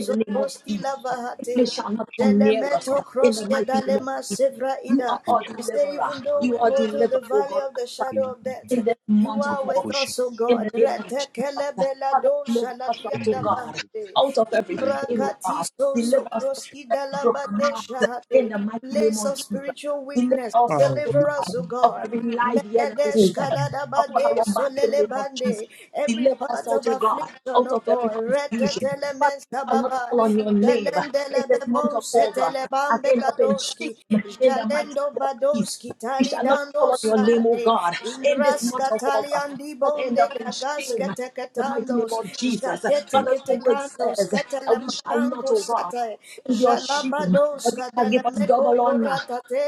in the name of Jesus. prostila vahate. Sickness shall not come near us Jelemeto in the kroske mighty name of dalema Jesus. sevra You are ida. our You say, deliverer. even though You we are go through the deliverer, oh valley God, of my the Father, shadow of death, in this you month are of with August, us, O in God. the name of Rete Jesus. Father, deliver us shaladia out, oh God, dabahade. out of every Imbra pain, oh God. katiso so Deliver us out of every broken dalabade heart in shahade. the mighty name Place of of Jesus. spiritual Deliver weakness, us out, oh deliver God, us, O of God. every lie the enemy Megadesh spells upon kadadabade our back in the name of Jesus. solelebande. Every Deliver us, part O of affliction God, salvation, out O of every God. confusion. Father, we Retetelementa shall not baba. call on your name in Jalendele this month bebon of August setele and bambe end up in shame gadoski. in the mighty Jalendo name of Jesus. badoski We shall not talidando call on your name, O sahate. God, in this Ingras month of August cataliandi and end bonde up in shame cagas in the mighty name catecatandos. of Jesus. Jaquete Father, your word catecantos says that we shall not, macanco O God, sate. endure shame, Jalabados but you shall cadele give us meco double honor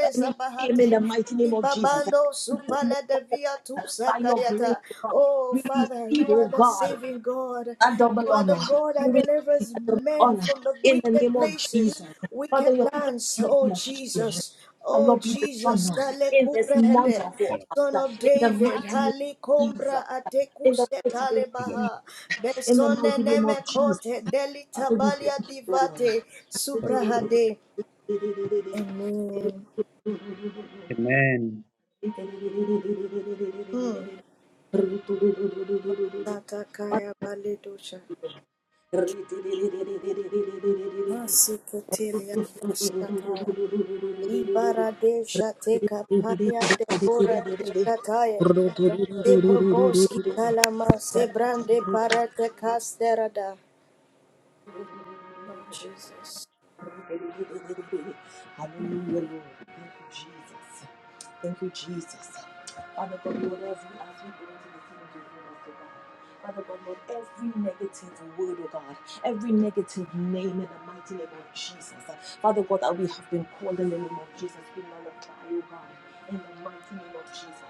for any shame in the sabahate. mighty name of Jesus. Babando In this month supala de of via tu August, by your grace, sakayata. O God. Oh, We Father, receive, you oh are the God, saving God. a double You are honor. the God We that receive delivers a double men honor from the in the wicked name of places, Jesus. Father, wicked your people lands. shall not Oh, be ashamed. Jesus. Shall Oh, not be Jesus. dishonored Sale in this month kubrehede. of Son of August. In the David. mighty name Hali of Jesus. kombra In the atekuse mighty name of talebaha. Jesus. In the Besone mighty name of Jesus. nemekote. Father, we Delitabalia thank divate. you, Subrahade. Amen. Lord. Thank Mm. Masataya Baledosha. Masiketelia Bashataya. Libara de Shateka Paya de Bora de Shataya. Seboboski Talama Sebrande you. Parate kasterada. Hallelujah, No Jesus. Lord. Thank you, Jesus. Thank you, Jesus. Father God, Lord, every as we go into the things you give us, oh God. Father God, Lord, every negative word, oh God, every negative name in the mighty name of Jesus. Father God, that we have been called in the name of Jesus, we nullify, oh God, in the mighty name of Jesus.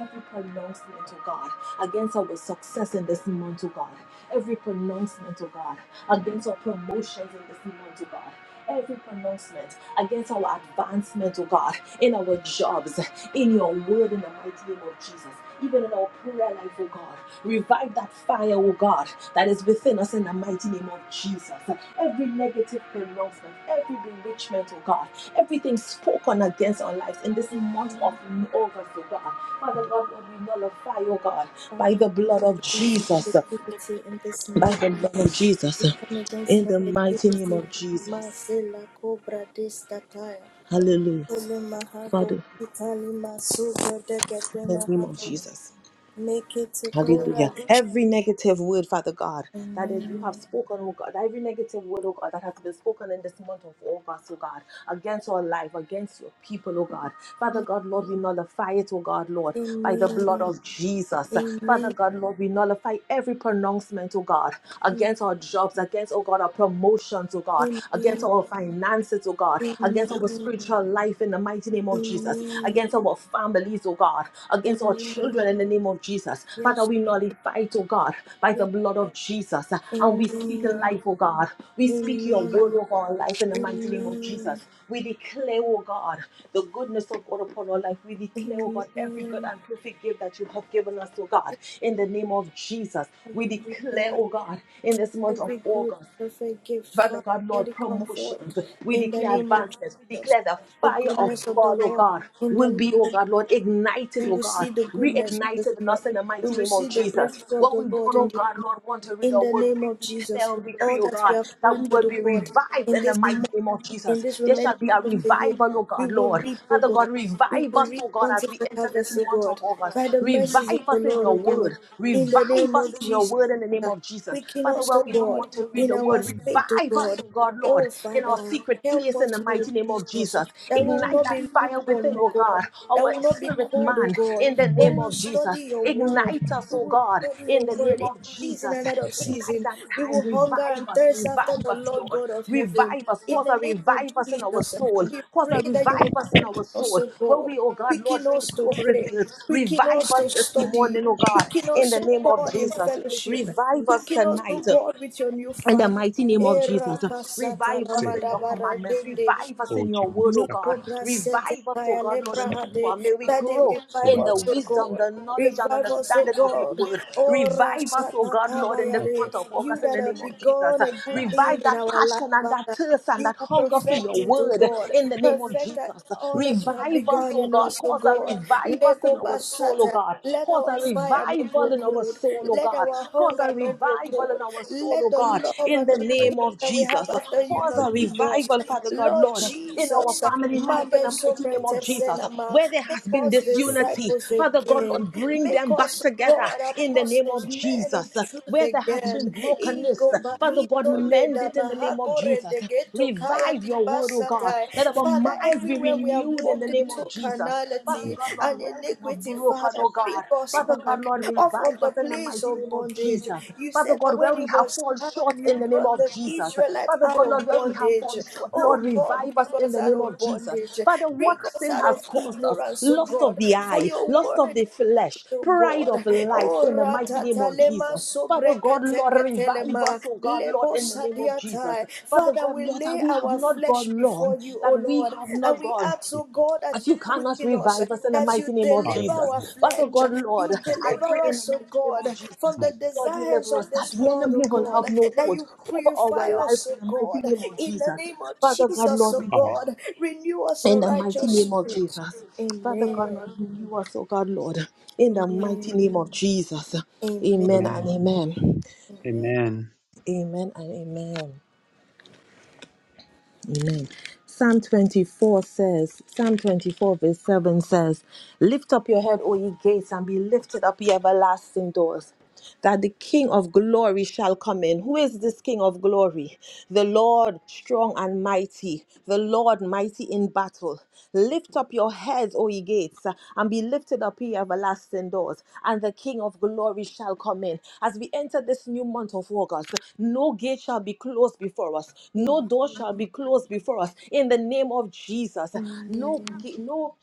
Every pronouncement, oh God, against our success in this month, oh God. Every pronouncement, oh God, against our promotions in this month, oh God. Every pronouncement against our advancement, oh God, in our jobs, in your word, in the mighty name of Jesus, even in our prayer life, oh God. Revive that fire, oh God, that is within us in the mighty name of Jesus. Every negative pronouncement, every bewitchment, oh God, everything spoken against our lives in this month of Mm, August, oh God. Father God, we nullify, oh God, by Father, the we blood come of against Jesus negativity in this by month. the blood of Jesus, We uh, come against in the mighty name negativity. of Jesus. Masela Cobra de Stataya. Hallelujah. Sele Mahago Father, in Itali Masuka de the name of Gatena Jesus. Make it a good Hallelujah. addition. Every negative word, Father God, that is you have Amen. spoken, oh God, every negative word, oh God, that has been spoken in this month of August, oh God, against our life, against your people, oh God. Father God, Lord, we nullify it, oh God, Lord, by the Amen. blood of Jesus. Father Amen. God, Lord, we nullify every pronouncement, oh God, against our jobs, against, oh God, our promotions, oh God, Amen. against Amen. our finances, oh God, against our spiritual life in the mighty mighty name of Jesus, Amen. against our families, oh God, against our Amen. children in the name of Jesus. Father, Yes. we nullify it, oh God, by the Yes. blood of Jesus. And we speak Amen. life, oh God. We speak your word Amen. over our life in the mighty name of Amen. Jesus. We declare, oh God, the goodness of God upon our life. We declare, oh God, every good Amen. and perfect gift that you have given us, oh God, in the name of Jesus. We declare, Hallelujah. oh God, in this month of Every good, August. perfect gift, Father, Father God, let Lord, it come forth promotions. We in the declare name of advancements. We Jesus. declare the The fire of goodness of the God, oh Lord God, in will the be, oh land God, Lord, ignited, We oh will God, see the goodness of this reignited in us month. in the We mighty will name of see the Jesus. breakthrough of What we the don't, Lord oh in this God, Lord, want to read in our the word, name we of declare Jesus. and decree, All oh that we God, have that we planned for will the be world revived in in the this mighty month, name of in Jesus. this There remaining shall be a of the year, revival, oh we God, will Lord. reap, O Father God, God. We revive will us, reap oh God, as bountiful we enter this harvest, O month God, of August. by the mercies of Revive the us in Lord, your O God, word. in the Revive name of us in your Jesus. word in the name of Jesus. Quicken Father us, O God, we don't God, want to read read in the our word. faith, O Revive us, God. oh God, Lord, Oh, in our Father, secret help place in us, the Lord mighty name of Jesus, Jesus. that we will Ignite not that be fire within, lukewarm, oh O God, God, that our we will not be spirit cold, O man God, in the but we name will of Jesus. study your word. Ignite us, We oh will God, study your in the word name in of season Jesus. and out of Ignite season. that We time. will hunger Revive and us, thirst after revive the us, Lord Lord. God of heaven. Revive us. In Cause the a name of revive us in our Jesus, soul. we Cause pray a that you will revive us in quicken our us, soul. O Where God. we, oh God, Lord, Quicken feel us to close to pray. you. Quicken Revive us us to this study. morning, oh God, Quicken in us, the name O of God, in Jesus. fellowship. Revive us Quicken us, O tonight. God, with your new In the fire. mighty name of Era Jesus, kasata revive la us that in your madabara commandments, dende. revive us all in your Jesus, word, oh second, God. Mikobra Revive us, oh Setekaya God, Lord, and who second, you Lebrahade, are. May we that they grow revive in the us, O wisdom, God. the knowledge, and Revive us, O understanding of your God. word. O Revive us, oh Rasata God, Lord, in this month Kabayade, of you August, in that the have name of Jesus. begun a good thing Revive in that our life, passion and that Father. thirst and You that will hunger for your perfect it, O word, God. in the name of Perfect that- Jesus. all that you have Revive the us, begun oh in God. us, O Cause a God. revive us in Lego our soul, oh Basata. God. Let Cause our a fire not grow revival in our cold. soul soul, oh Let God. our Cause hunger a not grow revival in cold. our soul, Let oh the God, love in and the right name the of that we have Jesus. after you Cause a not be language lost. revival, Father is God, Lord Lord, in our Jesus, family provided life, in the mighty for name the of Jesus. Magazopretesenama, Where there make has been us purposes disunity, disciples Father God, again. Lord, bring Make them back us, together God, in the name apostles, of men Jesus. of truth Where there has been again. brokenness, Igo of the Father God, bahito de mend da it in the name of bahagore Jesus. de geto kaya Revive di your word, oh God. basatai. Let our Father, minds be everywhere we have renewed in the walked name into of Jesus. Father carnality God, Lord, and where we have iniquity, are broken, Father, oh bring God. us Father God, back Lord, off of revive us the in the place mighty of name of bondage. Jesus. You Father said that God, where when we it have was fallen short time, you in the name brought of the Jesus. Israelites Father out God, Lord, of where we have bondage. fallen short, Lord, Oh God, revive us bring in us the out name of of Jesus. bondage. Father, knowledge. Bring what us sin out has of caused us? ignorance, oh Lust of God. the For eye, your lust word of the flesh, Oh pride God, of life oh in the mighty name of ratatalema Jesus. Father God, Lord, revive sobreketeketelema us, oh God, Lord, lebo in the name of Jesus. sadiatai. Father Father, God, we Lord, that lay we have our not flesh gone long, before you, that O we Lord, have and not we gone. ask, O God, That that you you cannot quicken us, revive us in the that you mighty name I of deliver Jesus. am our who Father flesh, God, Lord, you I pray deliver in the us, O mighty name of God, Jesus. from the my God desires deliver us of that this the signal. world, enemy O will have God, no that hold you over our purify life us, O in the mighty God, name of in the Jesus. name of Father God, Jesus, Lord, O we I God, renew us in a the mighty righteous name of spirit. Jesus. Father God, Amen. Lord, you us, oh God, Lord, in the mighty name of Jesus. Amen and Amen. amen. Amen. Amen. Amen and amen. Amen. Psalm 24 says, Psalm 24, verse 7 says, Lift up your head, O ye gates, and be lifted up, ye everlasting doors, that the King of glory shall come in. Who is this King of glory? The Lord strong and mighty, the Lord mighty in battle. Lift up your heads, O ye gates, and be lifted up, ye everlasting doors, and the King of glory shall come in. As we enter this new month of August, no gate shall be closed before us, no door shall be closed before us. In the name of Jesus, no gate, no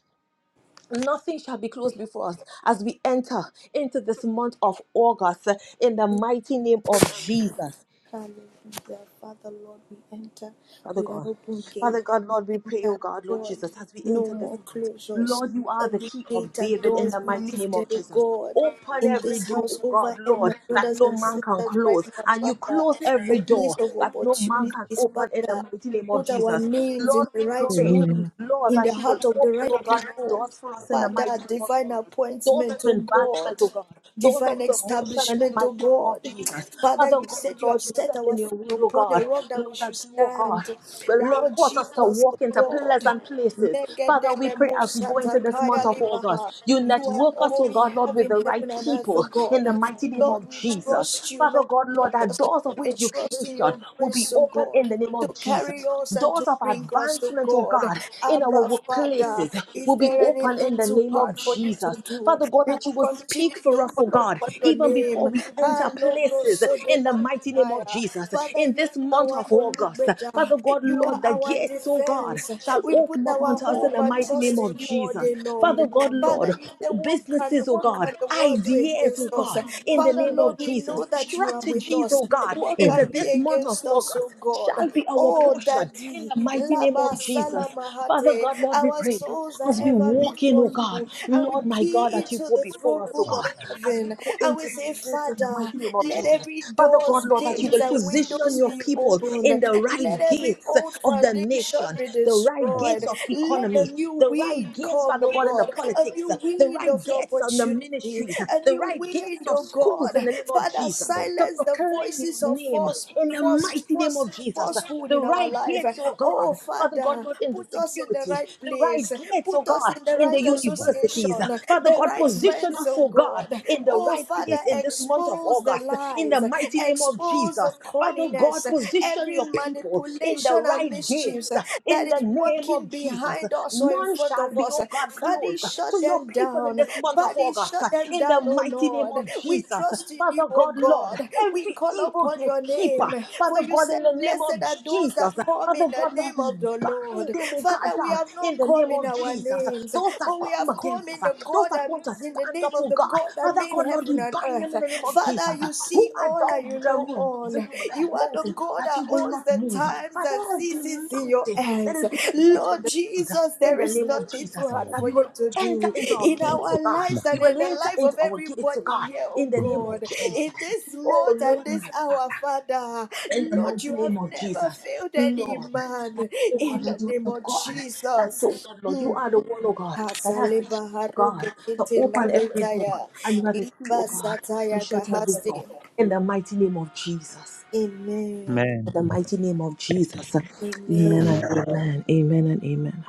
Nothing shall be closed before us as we enter into this month of August in the mighty name of Jesus. Hallelujah. Father, Lord, we enter Father with an God. open gate. Father God, We Lord, we pray, oh enter, God, Lord Lord. Jesus, as we No enter this more month. closures. Lord, you are the Every key of gate and David in doors the be mighty name lifted, of O Jesus. God. Open In every this door, house, oh over God, here, my Lord, that brothers no and man can sisters, right close. now, And you Father, close every the place door of that no man can opportunities, open in the Father. mighty name of Put our Jesus. names in Lord, we the right pray, rooms, Lord, in the that you will heart of the open, oh right God, people. doors for us in the Father, mighty name of divine Jesus doors of appointment, O advancement, God oh God, doors divine of promotion in the establishment, mighty oh name of God. Jesus. Father, Father you God, said you Lord, have you set said in our your feet word, oh upon a God, rock that we Lord, should that you, oh God, stand. will have Lord caused us to Jesus, oh walk into God. pleasant places. Father, we pray as we go into this month Megedelemoshatakaya of libaha. August, you You are network us, all oh we God, Lord, have with in the right heaven and earth, oh people in God. the mighty name Lord, of we Jesus. trust you, Father Lord God, Lord, that Jesus. doors of We trust in education your will be grace, O open in God, the name to of carry Jesus. us and Doors to of bring us, O advancement, oh God. God, in our Abba, Father, workplaces is will be there open open anything in the too name of hard for you to Jesus. do? Father God, We that you will will continue speak to for us, oh call God, upon your even before name. we Ah, enter Lobro places in the Sodela mighty name of Fire. Jesus. Father, In you this month our of August, Olugbeja. Father God, You are Lord, the our gates, oh God, defense. shall We put open up our unto us in hope the and mighty name trust of in you all Jesus. day long. Father God, Lord, Father, you say, what can, businesses, oh what God, can the world do ideas, against oh us? God, in the Father, name of Lord, we Jesus, know that you are with strategies, us. oh God, What Amen. into can be this month of against us, August oh God? shall be our Oh, portion in Daddy, the mighty name Laba of Jesus. Father Salamahate, God, Lord, we our pray. souls are As my we ever walk in, oh before God, you. And we Lord my God, key that you into go the before throne us, oh I room am who of God, sent as we heaven. go And we into say, these gates in the Father, mighty name of let Jesus. every Father God, doors, Lord, that you gates, will and position windows your be people opened. in the Let right every gates old of the foundation nation, be the right gates destroyed. of Let the economy, new the right wind gates, come, Father oh God, in the God, a politics, new the wind right of your gates on the opportunity. ministries, A the new right gates wind, of oh schools in God. the name of Father, Jesus, to silence the proclaim voices your of name false. in the First, mighty name first, of Jesus, falsehood the in our right life. gates, oh Oh, God, Father God. God, Father, not in the put us in the security, right the right place. gates, oh Put us God, in the in the right my universities. association, Father the God, right position friends, us, oh oh God, God. in the Oh, right Father, place in this month of expose the August, in lies, the mighty name of expose Jesus. the Father corniness, God, position every your people in the manipulation and right mischiefs gates, that in the is name working of Jesus. behind us or in None front shall of be, us. oh God, Father, closed shut to your them people in down. this month of Father, August, shut them in the down, oh mighty name Lord. of We Jesus. trust in you, Father oh God, Lord, God. We every call evil upon your gatekeeper, name. For Father you God, said, in the name of Blessed are those Jesus. that come Father in the God, Lord, name we of the bind Lord. them, oh God, Father, we down have not in the come name in of our Jesus. names, Those that but we come have against come us, in uh, the those God that that, want to in the stand name up, of oh the God. God that Father made God, Lord, we heaven and bind them earth. in the name of Jesus. Father, you see Who are all and you those the know room, all. the You are the mountain, God that that you will owns not the move? times Father, and every seasons in your mountain, let hands. it be moved in Lord the Jesus, in there the is name of nothing too Jesus, hard that for we will you to enter do into our in gates, oh our God. lives We and in will the enter life of into our gates, oh everybody God, here, oh in the name of God. Jesus. In this Oh month and Lord, this my Father. hour, Father, In the Lord, mighty you have name of never Jesus, failed any Lord, man that's the in word, the Lord, you are name the of God. That's the Jesus. word, Lord. You Hmm. are the one, oh God, that has Hasale the key, oh baharo God, to dekete open every door. lavitaya. And you have the key, oh Liba God, to sataya shut every door. kahaste. In the mighty name of Jesus. Amen. In the mighty name of Jesus. Amen and Amen. amen. Amen and amen.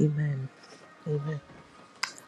Amen.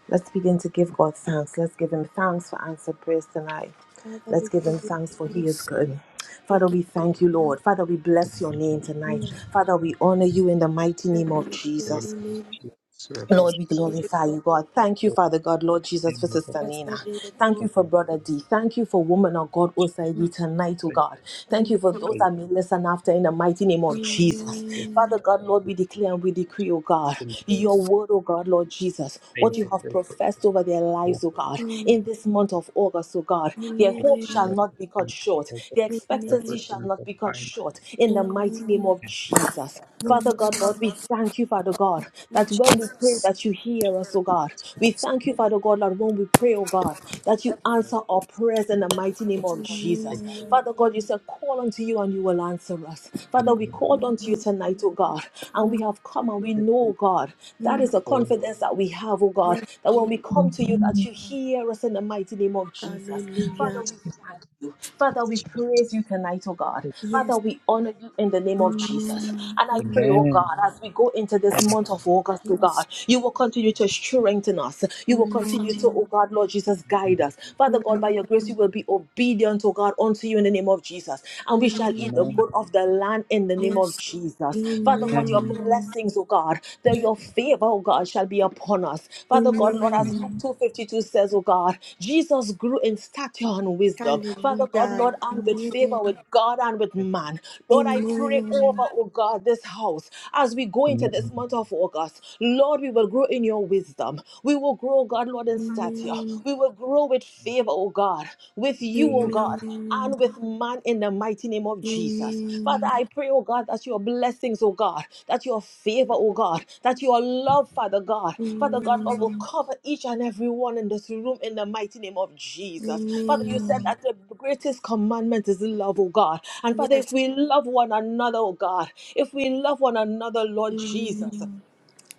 Let's begin to give God thanks. Let's give Him thanks for answered prayers tonight. Father, Let's we give give Him you thanks for He is thanks. good. We Father, give we thank you, Lord. thanks. Father, we bless your name tonight. Amen. Father, we honor you in the mighty name Blessed of be your holy Jesus. name. So Lord, Blessed we be the glorify God. you, God. Thank you, Father God, Lord Jesus, for Sister Blessed Nina. be the Thank God. you for Brother D. Thank you for Woman of God Osaidi tonight, oh God. Thank you Amen. for those that may listen after in the mighty name of Jesus. Amen. Father God, Lord, we declare and we decree, oh God, your Yes. word, oh God, Lord Jesus, what Thank you you have for so professed much. over their lives, oh God, in this month of August, oh God. Their Thank hope you shall that not be cut you short, help us their that expectancy shall person to not be cut find short in the a good mighty name of Jesus. from the Father God, Lord, we church. thank you, Father God, that when we pray, that you hear us, oh God. We thank you, Father God, Lord, when we pray, oh God, that you Lord, answer our prayers in the mighty name of Jesus. Thank you Father God, you said, call unto you and you will answer us. Father, we called unto you tonight, oh God, and we Yes. have come and we know, God, that Mm. is a for confidence that we have, oh God, Yes. that when Jesus. we come to you, that Amen. you hear us in the mighty name of Jesus. Father, Hallelujah. we thank you you. Father, we Jesus. praise you tonight, oh God. Father, Yes. we honor you in the name of Jesus. Amen. And I pray, Amen. oh Amen. God, as we go into this Thank you. month of August, oh Yes. God, you will continue to strengthen us. You will continue to, oh Amen. God, Lord Jesus, guide us. Father God, by Amen. your grace, we will be obedient, oh God, unto you in the name of Jesus. And we shall eat the Amen. good of the land in the name of Yes. Jesus. Father God, your Amen. blessings, oh God that Yes. your favor, oh God, shall be upon us. Father God, Lord, as Luke Amen. 2.52 says, oh God, Jesus grew in stature and wisdom. Father God, Lord, and with Hallelujah. favor with God and with man. Lord, I Amen. pray Amen. over, oh God, this house as we go Amen. Amen. into Amen. Yes. this Amen. month of August. Lord, we will grow in your wisdom. We will grow, oh God, Lord, in stature. Amen. We will grow with Yes. favor, oh God, with you, you, oh Amen. God, Amen. and with man in the mighty name of Jesus. Father, I pray, oh God, that your blessings, oh God, that your favor, oh God, that your love, Father God, Father God, Lord, will cover each and every one in this room in the mighty name of Jesus. Father, you said Amen. that the greatest commandment is love, oh God. And Father, if we love one another, oh God, if we love one another, Lord Amen. Jesus,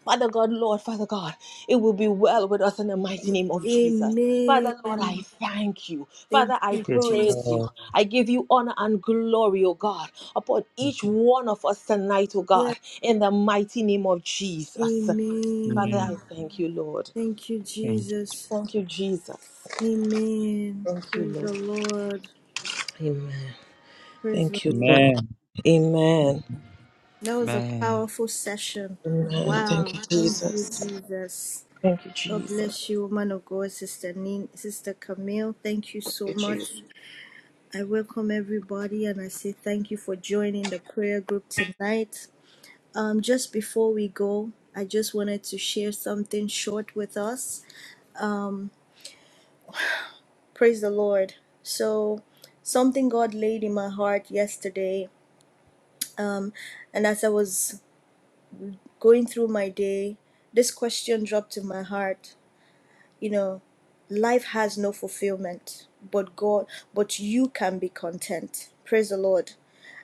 Father God, Lord, Father God, it will be well with us in the mighty name of Jesus. Father, Lord, I Amen. thank you. Thank Father, I you, Yes, Jesus. praise you. Lord. I give you honor and glory, O God, upon Yes, each one of us tonight, O God, Yes. in the mighty name of Jesus. Father, Amen. I Amen. thank you, Lord. Thank you, Thank you, Jesus. Jesus. Thank you, Jesus. Amen. Thank you, Praise Lord. the Lord. Amen. Praise the Thank you, Lord. Lord. Amen. Amen. That was a Amen. powerful session. Amen. Thank Wow. you, Thank you, Jesus. Jesus. Thank you, God Jesus. bless you, woman of God, Sister Nin, Sister Camille. Thank you so Thank you, Jesus. much. I welcome everybody and I say thank you for joining the prayer group tonight. Um, just before we go, I just wanted to share something short with us. Praise the Lord. So, something God laid in my heart yesterday, and as I was going through my day, this question dropped in my heart. You know, life has no fulfillment, but God, but you can be content. Praise the Lord.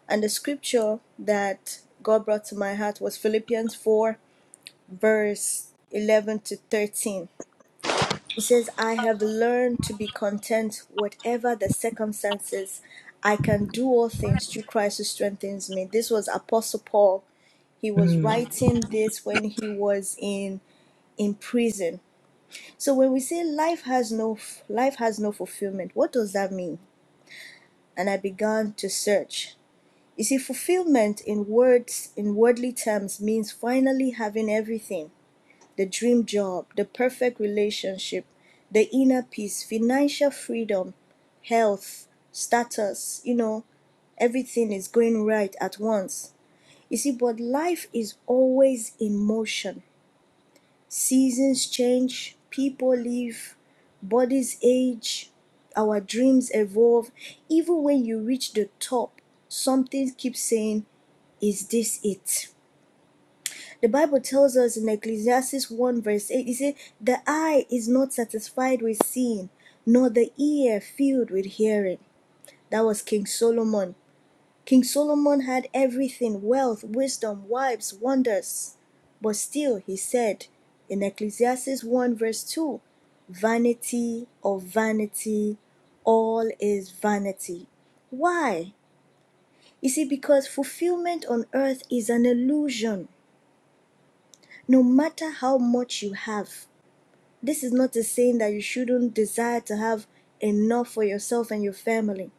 And the scripture that God brought to my heart was Philippians 4, verse 11 to 13 He says, I have learned to be content, whatever the circumstances. I can do all things through Christ who strengthens me. This was Apostle Paul. He was Mm. writing this when he was in in prison. So when we say life has no life has no fulfillment, what does that mean? And I began to search. You see, fulfillment in words in worldly terms means finally having everything the dream job, the perfect relationship, the inner peace, financial freedom, health, status, you know, everything is going right at once. You see, but life is always in motion. Seasons change, people leave, bodies age, our dreams evolve. Even when you reach the top, something keeps saying, Is this it? The Bible tells us in Ecclesiastes 1 verse 8, it says, The eye is not satisfied with seeing, nor the ear filled with hearing. That was King Solomon. King Solomon had everything wealth, wisdom, wives, wonders. But still, he said in Ecclesiastes 1 verse 2, Vanity of vanity, all is vanity. Why? You see, because fulfillment on earth is an illusion. no matter how much you have, this is not a saying that you shouldn't desire to have enough for yourself and your family.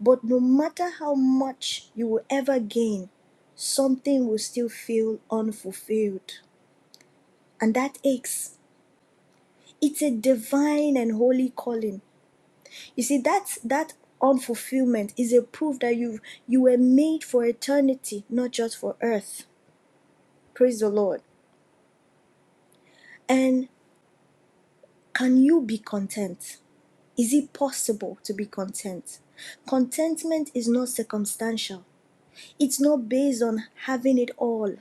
But no matter how much you will ever gain, something will still feel unfulfilled. And that aches. It's a divine and holy calling. You see, that's that unfulfillment is a proof that you you were made for eternity, not just for earth. Praise the Lord. And can you be content? Is it possible to be content? Contentment is not circumstantial, it's not based on having it all.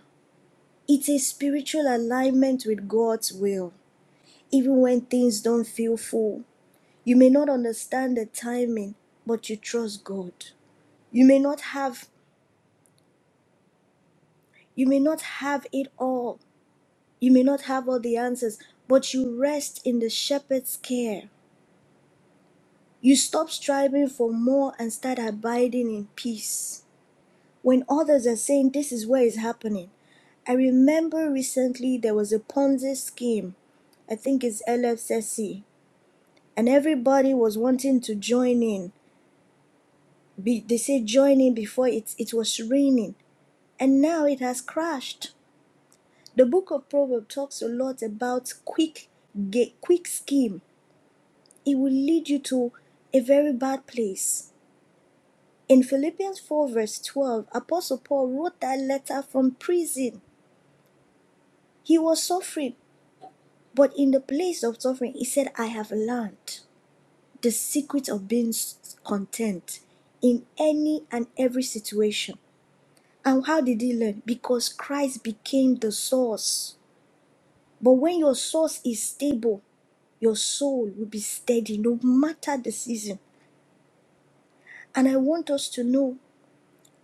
It's a spiritual alignment with God's will, even when things don't feel full. You may not understand the timing, but you trust God. You may not have you may not have it all. You may not have all the answers, but you rest in the shepherd's care. You stop striving for more and start abiding in peace. when others are saying this is where it's happening. I remember recently there was a Ponzi scheme, I think it's LFSC, and everybody was wanting to join in. Be, they say join in before it, it was raining, and now it has crashed. The book of Proverbs talks a lot about quick ga- quick scheme. It will lead you to a very bad place. In Philippians 4, verse 12, Apostle Paul wrote that letter from prison. He was suffering But in the place of suffering, he said, I have learned the secret of being content in any and every situation. And how did he learn? Because Christ became the source. But when your source is stable, your soul will be steady no matter the season. And I want us to know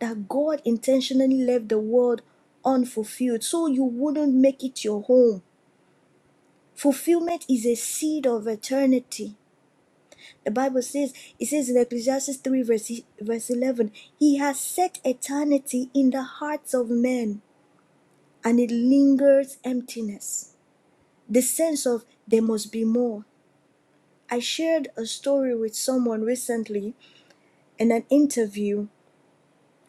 that God intentionally left the world unfulfilled so you wouldn't make it your home. Fulfillment is a seed of eternity. The Bible says, it says in Ecclesiastes 3, verse, verse 11, He has set eternity in the hearts of men, and it lingers emptiness. The sense of there must be more. I shared a story with someone recently in an interview.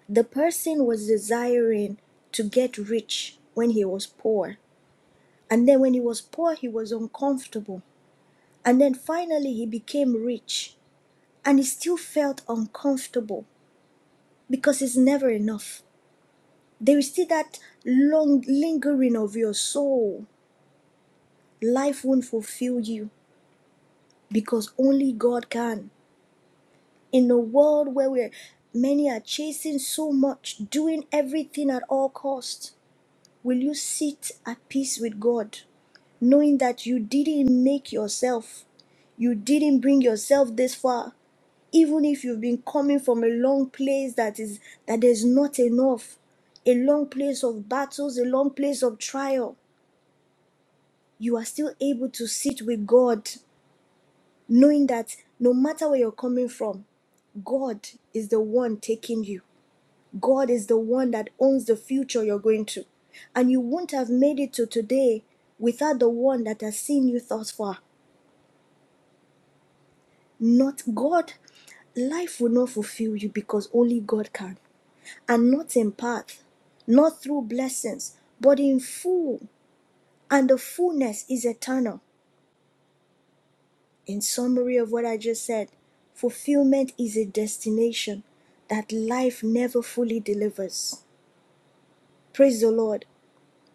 The person was desiring to get rich when he was poor. And then when he was poor, he was uncomfortable. And then finally, he became rich and he still felt uncomfortable because it's never enough. There is still that long lingering of your soul. Life won't fulfill you because only God can. In a world where we're, many are chasing so much, doing everything at all costs, will you sit at peace with God, knowing that you didn't make yourself, you didn't bring yourself this far, even if you've been coming from a long place that is that there's not enough, a long place of battles, a long place of trial. you are still able to sit with God, knowing that no matter where you're coming from, God is the one taking you. God is the one that owns the future you're going to. And you wouldn't have made it to today without the one that has seen you thus far. Not God. Life will not fulfill you because only God can. And not in part, not through blessings, but in full. And the fullness is eternal. In summary of what I just said, fulfillment is a destination that life never fully delivers. Praise the Lord.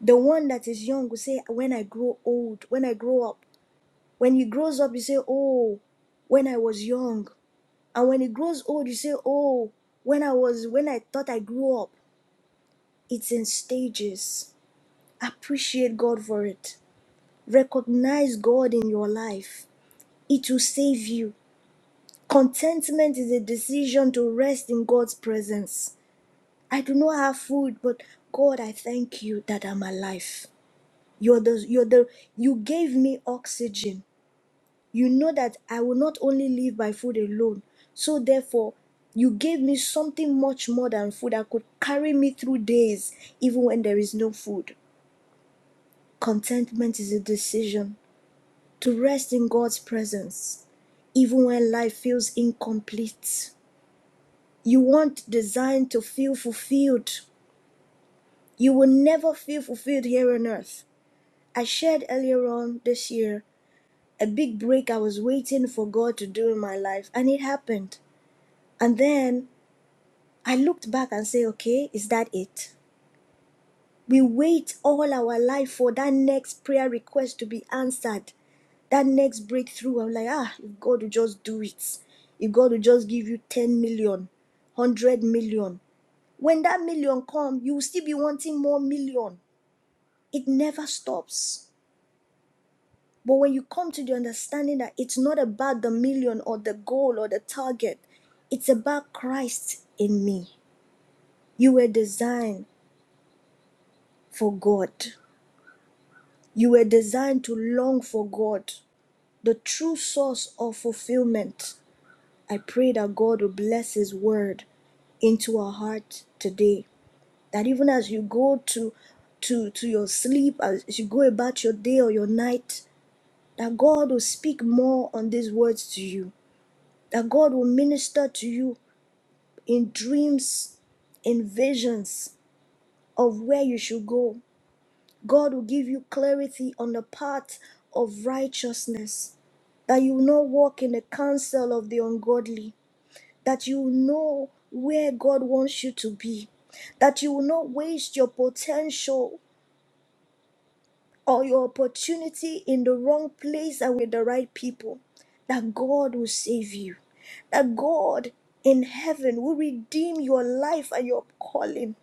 The one that is young will say, When I grow old, when I grow up. When he grows up, you say, Oh, when I was young. And when he grows old, you say, Oh, when I was, when I thought I grew up. It's in stages. Appreciate God for it. Recognize God in your life. It will save you. Contentment is a decision to rest in God's presence. I do not have food, but God, I thank you that I'm alive. You're the, you're the, you gave me oxygen. You know that I will not only live by food alone. So therefore, you gave me something much more than food that could carry me through days, even when there is no food. Contentment is a decision to rest in God's presence, even when life feels incomplete You weren't designed to feel fulfilled. You will never feel fulfilled here on earth. I shared earlier on this year a big break I was waiting for God to do in my life, and it happened. And then I looked back and say, okay, is that it? We wait all our life for that next prayer request to be answered, that next breakthrough. I'm like, ah, if God will just do it, if God will just give you 10 million, 100 million. When that million come, you will still be wanting more million. It never stops. But when you come to the understanding that it's not about the million or the goal or the target, it's about Christ in me. You were designed for God. You were designed to long for God, the true source of fulfillment. I pray that God will bless His word into our heart today. that even as you go to to to your sleep as you go about your day or your night that god will speak more on these words to you that god will minister to you in dreams in visions of where you should go god will give you clarity on the path of righteousness that you will not walk in the counsel of the ungodly that you will know where god wants you to be that you will not waste your potential or your opportunity in the wrong place and with the right people, that God will save you. That God in heaven will redeem your life and your calling.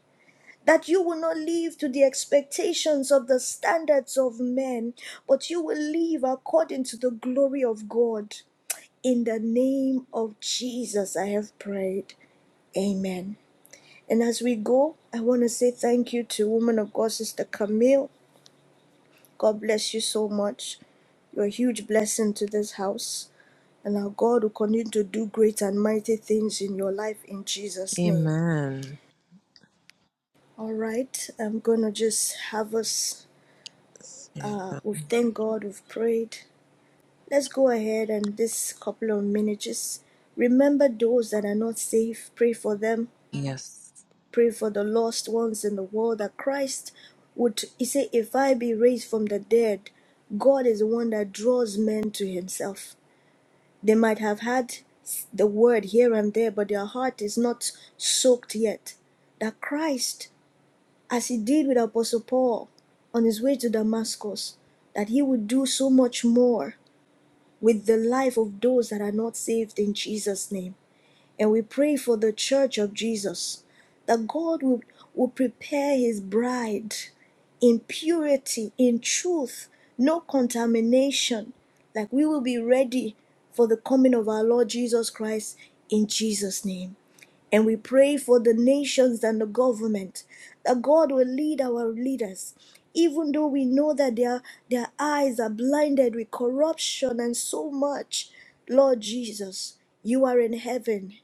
That you will not live to the expectations of the standards of men, but you will live according to the glory of God. In the name of Jesus, I have prayed. Amen. And as we go, I want to say thank you to Woman of God, Sister Camille. God bless you so much. You're a huge blessing to this house, and our God will continue to do great and mighty things in your life in Jesus' name. Amen. All right, I'm gonna just have us. Yeah, Uh, God. we've thanked God, we've prayed. Let's go ahead and this couple of minutes just remember those that are not safe. Pray for them. Yes. Pray for the lost ones in the world that Christ would. He said, "If I be raised from the dead, God is the one that draws men to Himself." They might have had the word here and there, but their heart is not soaked yet. That Christ, as he did with Apostle Paul on his way to Damascus, that he would do so much more with the life of those that are not saved in Jesus' name. And we pray for the church of Jesus that God will, will prepare his bride in purity, in truth, no contamination. Like we will be ready for the coming of our Lord Jesus Christ in Jesus' name. And we pray for the nations and the government that God will lead our leaders, even though we know that their, their eyes are blinded with corruption and so much. Lord Jesus, you are in heaven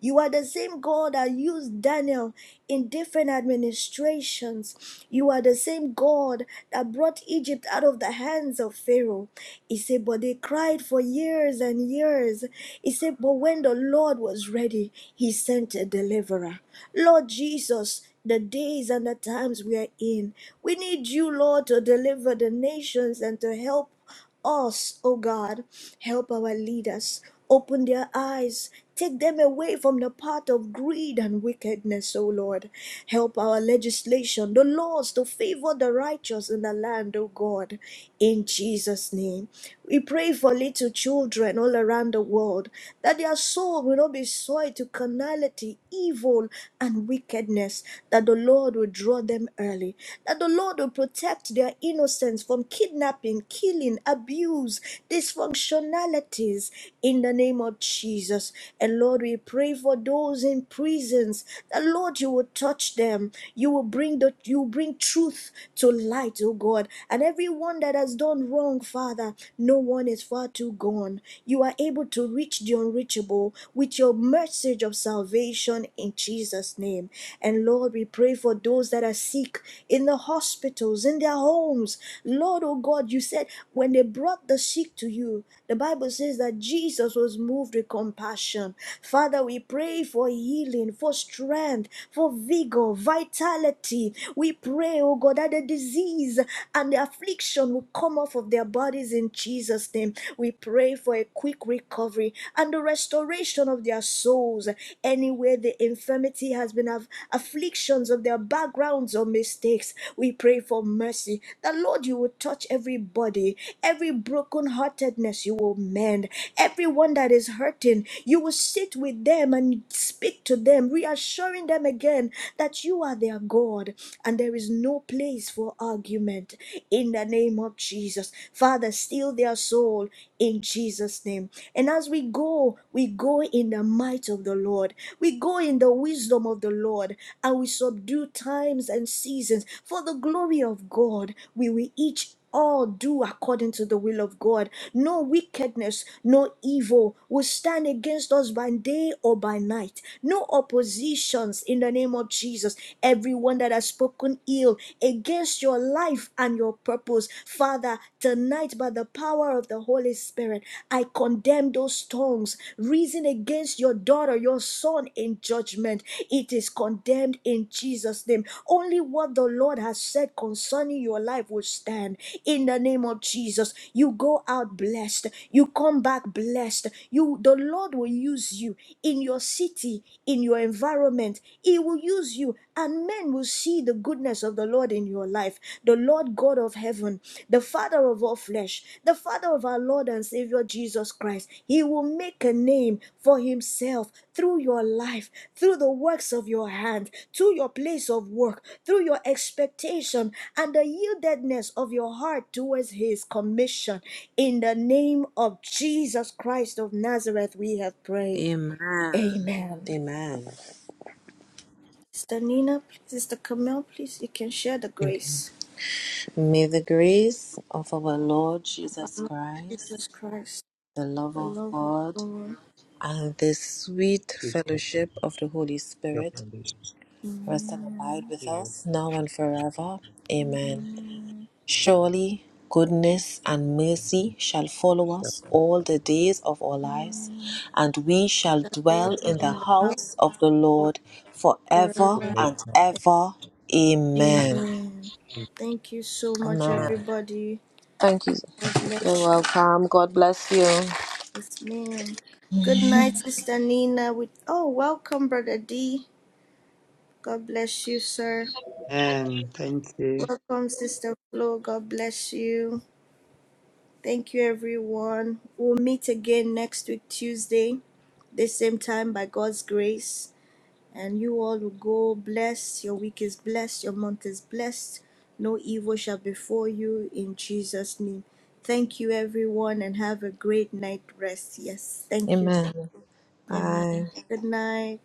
you are the same God that used Daniel in different administrations. You are the same God that brought Egypt out of the hands of Pharaoh. He said, But they cried for years and years. He said, But when the Lord was ready, he sent a deliverer. Lord Jesus, the days and the times we are in, we need you, Lord, to deliver the nations and to help us, O God. Help our leaders. Open their eyes. Take them away from the path of greed and wickedness, O Lord. Help our legislation, the laws to favor the righteous in the land, O God. In Jesus' name. We pray for little children all around the world that their soul will not be soiled to carnality, evil, and wickedness, that the Lord will draw them early, That the the Lord will protect their innocence from kidnapping, killing, abuse, dysfunctionalities in the name of Jesus. And Lord, we pray for those in prisons. The Lord, you will touch them. You will bring the you will bring truth to light, oh God. And everyone that has done wrong, Father, no one is far too gone. You are able to reach the unreachable with your message of salvation in Jesus' name. Jesus' name. And Lord, we pray for those that are sick in the hospitals, in their homes. Lord, oh God, you said when they brought the sick to you, the Bible says that Jesus was moved with compassion. Father, we pray for healing, for strength, for vigor, vitality. We pray, oh God, that the disease and the affliction will come off of their bodies in Jesus' name. We pray for a quick recovery and the restoration restoration of their souls. Anywhere the infirmity has been of afflictions of their backgrounds or mistakes, we pray for mercy. That Lord, you will touch everybody, every broken heartedness you will mend, everyone that is hurting, you will sit with them and speak to them, reassuring them again that you are their God and there is no place for argument. In the name of Jesus, Father, still their their soul in Jesus' name. And as we go, we go in the might of the Lord. We go in the wisdom of the Lord and we subdue times and seasons for the glory of God. We will each all do according to the will of God. No wickedness, no evil will stand against us by day or by night. No oppositions in the name of Jesus. Everyone that has spoken ill against your your life and your purpose. Father, tonight, by the power of the Holy Spirit, I condemn those tongues reason against your daughter, your son in judgment. It is condemned in Jesus' name. Only what the Lord has said concerning your life will stand in the name of Jesus. You go out blessed, you come back blessed. You the Lord will use you in your city, in your environment. He will use you and men will see the goodness of the Lord in your life, the Lord God of heaven, the Father of all flesh, the Father of our Lord and Savior Jesus Christ. He will make a name for himself through your life, through the works of your hand, through your place of work, through your expectation and the yieldedness of your heart towards his commission. In the name of Jesus Christ of Nazareth, we have prayed. Amen. Amen. Amen. Sister Nina, please, Sister Camille, please, you can share the Okay. grace. May the grace of our Lord Jesus Jesus Christ, Christ, the love the of love of God, God, and the sweet Amen. fellowship of the Holy Your Spirit Holy rest and abide with Spirit us now is and with me forever. Amen. Amen. and Surely goodness and mercy shall follow us all the days of our lives, that and we shall dwell dwell in in the to the house house of the of Lord forever forever. make and us. ever. Amen. Amen. Amen. Thank you so much, Amen. Amen. everybody. Thank you. God You're bless you. welcome. God bless you. Yes, ma'am. Good night, Sister Nina. With oh, welcome, Brother D. God bless you, sir. And Thank you. Welcome, Sister Flo. God bless you. Thank you, everyone. We'll meet again next week, Tuesday, this same time by God's grace. And you all will go blessed. Your week is blessed. Your month is blessed. No evil shall befall you in Jesus' name. Thank you, everyone, and have a great night rest. Yes, thank you. Amen. Amen. Bye. Good night.